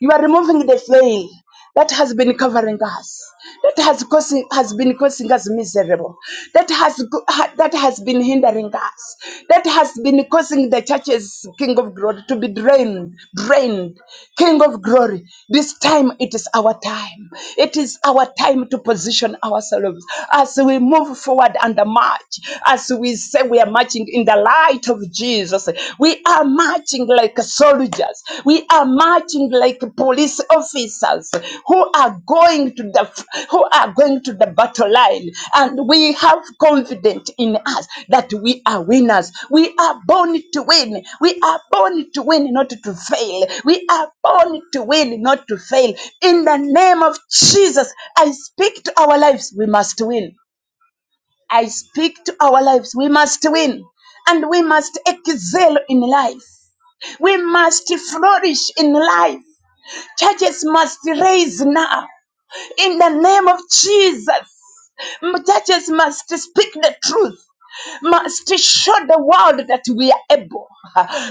[SPEAKER 5] You are removing the veil that has been covering us, that has causing has been causing us miserable, that has go- ha- that has been hindering us, that has been causing the church's King of Glory to be drained, drained. King of Glory, this time it is our time. It is our time to position ourselves as we move forward and march, as we say we are marching in the light of of Jesus. We are marching like soldiers. We are marching like police officers who are going to the who are going to the battle line. And we have confidence in us that we are winners. We are born to win. We are born to win, not to fail. We are born to win, not to fail. In the name of Jesus, I speak to our lives. We must win. I speak to our lives. We must win and we must excel in life. We must flourish in life. Churches must raise now. In the name of Jesus, M- churches must speak the truth must show the world that we are able.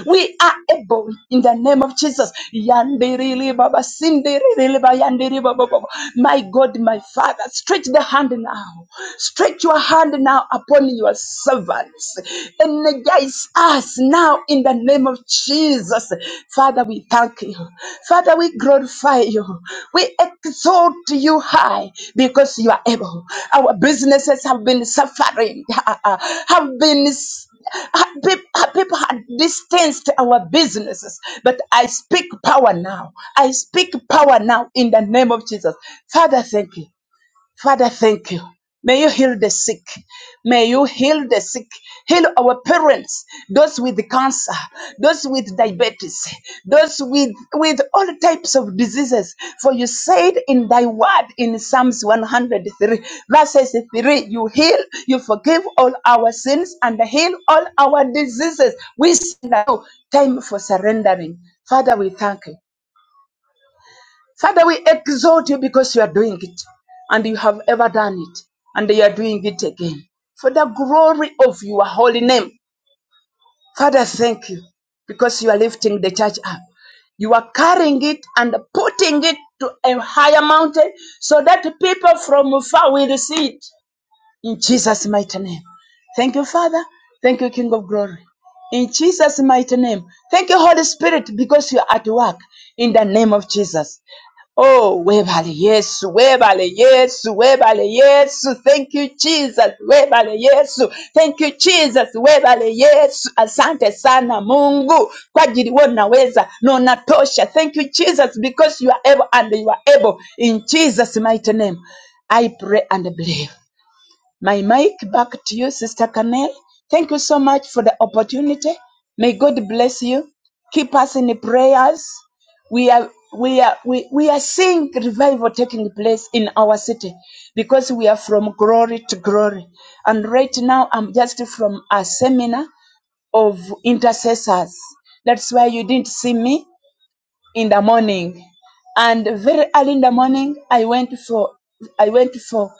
[SPEAKER 5] We are able in the name of Jesus. Yandirili baba, sindirili ba, yandiri baba baba. My God, my Father, stretch the hand now. Stretch your hand now upon your servants. Energize us now in the name of Jesus. Father, Father, we thank you. Father, we glorify you. We exalt you high because you are able. Our businesses have been suffering, have been people, people had distanced our businesses. But I speak power now. I speak power now in the name of Jesus. Father, thank you. Father, thank you. May you heal the sick. May you heal the sick. Heal our parents, those with cancer, those with diabetes, those with, with all types of diseases. For you said in thy word in Psalms 103, verses 3, you heal, you forgive all our sins and heal all our diseases. We see now time for surrendering. Father, we thank you. Father, we exalt you because you are doing it and you have ever done it and you are doing it again. For the glory of your holy name, Father, thank you because you are lifting the church up. You are carrying it and putting it to a higher mountain so that people from far will see it. In Jesus' mighty name. Thank you, Father. Thank you, King of Glory. In Jesus' mighty name. Thank you, Holy Spirit, because you are at work in the name of Jesus. Oh, webale yesu, webale yesu, webale yesu. Thank you, Jesus. Webale yesu. Thank you, Jesus. Webale yesu. Asante sana Mungu kwa ajili unaweza na unatosha. Thank you, Jesus, because you are able and you are able. In Jesus' mighty name, I pray and believe my mic back to you, Sister Canel. Thank you so much for the opportunity. May God bless you. Keep us in the prayers. We are we are we, we are seeing revival taking place in our city because we are from glory to glory. And right now I'm just from a seminar of intercessors. That's why you didn't see me in the morning and very early in the morning i went for i went for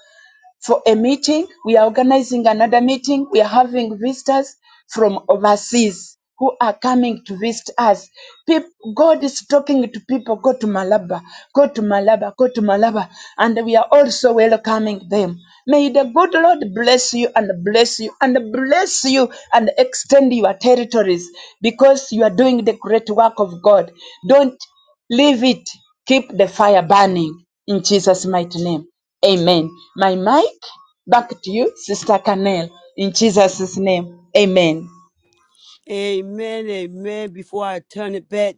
[SPEAKER 5] for a meeting. We are organizing another meeting. We are having visitors from overseas who are coming to visit us. Peop God is talking to people, go to Malaba, go to Malaba, go to Malaba. And we are also welcoming them. May the good Lord bless you and bless you and bless you and extend your territories because you are doing the great work of God. Don't Leave it. Keep the fire burning in Jesus' mighty name. Amen. My mic back to you, Sister Canel, in Jesus' name. Amen.
[SPEAKER 2] Amen, amen. Before I turn it back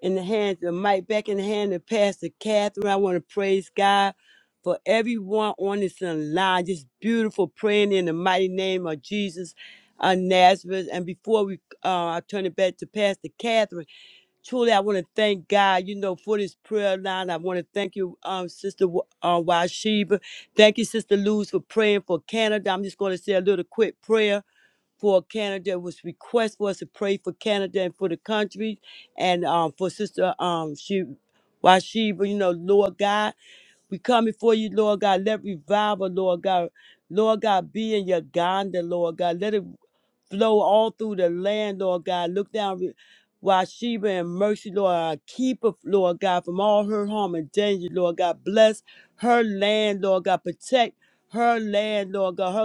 [SPEAKER 2] in the hands of Mike, back in the hand of Pastor Catherine. I want to praise God for everyone on this line. Just beautiful praying in the mighty name of Jesus of Nazareth. And before we, uh, I turn it back to Pastor Catherine. Truly, I want to thank God, you know, for this prayer line. I want to thank you, um, Sister Wa- uh, Washiba. Thank you, Sister Luz, for praying for Canada. I'm just going to say a little quick prayer for Canada. It was request for us to pray for Canada and for the country and um, for Sister um, she, Washiba, you know, Lord God. We come before you, Lord God. Let revival, Lord God. Lord God, be in Uganda, Lord God. Let it flow all through the land, Lord God. Look down re- Washiba and mercy, Lord. God, keep her, Lord God, from all her harm and danger, Lord God. Bless her land, Lord God. Protect her land, Lord God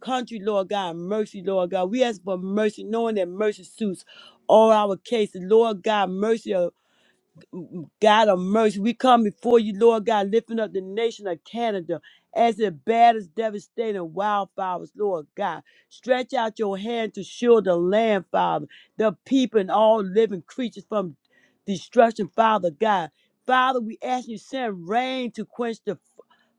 [SPEAKER 2] country, Lord God. Mercy, Lord God. We ask for mercy, knowing that mercy suits all our cases. Lord God, mercy uh, God of mercy, we come before you, Lord God, lifting up the nation of Canada as it batters devastating wildfires, Lord God. Stretch out your hand to shield the land, Father, the people and all living creatures from destruction, Father God. Father, we ask you to send rain to quench the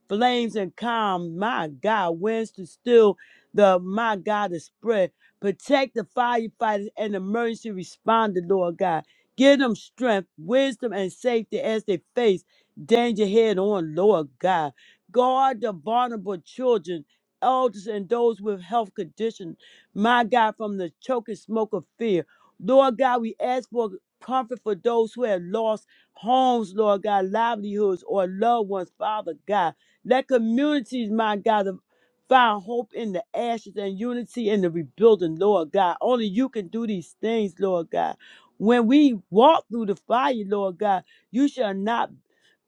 [SPEAKER 2] flames and calm, my God, winds to still the my God to spread. Protect the firefighters and emergency responder, Lord God. Give them strength, wisdom, and safety as they face danger head on, Lord God. Guard the vulnerable children, elders, and those with health conditions, my God, from the choking smoke of fear. Lord God, we ask for comfort for those who have lost homes, Lord God, livelihoods, or loved ones, Father God. Let communities, my God, of Find hope in the ashes and unity in the rebuilding, Lord God. Only you can do these things, Lord God. When we walk through the fire, Lord God, you shall not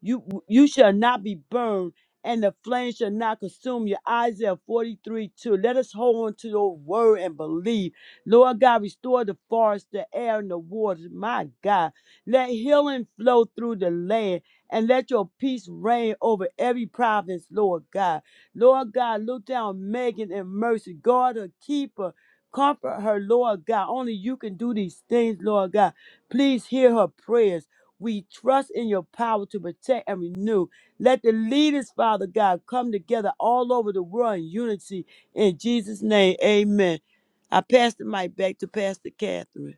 [SPEAKER 2] you you shall not be burned, and the flame shall not consume you. Isaiah 43 2. Let us hold on to your word and believe. Lord God, restore the forest, the air, and the waters. My God, let healing flow through the land, and let your peace reign over every province, Lord God. Lord God, look down Megan and mercy. God, her keeper. Comfort her, Lord God. Only you can do these things, Lord God. Please hear her prayers. We trust in your power to protect and renew. Let the leaders, Father God, come together all over the world in unity. In Jesus' name, amen. I pass the mic back to Pastor Catherine.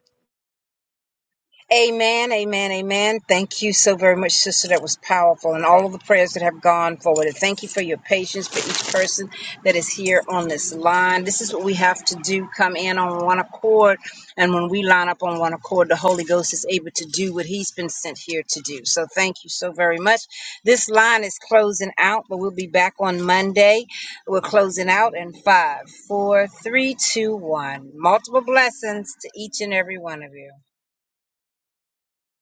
[SPEAKER 1] Amen, amen, amen. Thank you so very much, sister. That was powerful, and all of the prayers that have gone forward. And thank you for your patience for each person that is here on this line. This is what we have to do come in on one accord. And when we line up on one accord, the Holy Ghost is able to do what He's been sent here to do. So thank you so very much. This line is closing out, but we'll be back on Monday. We're closing out in five, four, three, two, one. Multiple blessings to each and every one of you.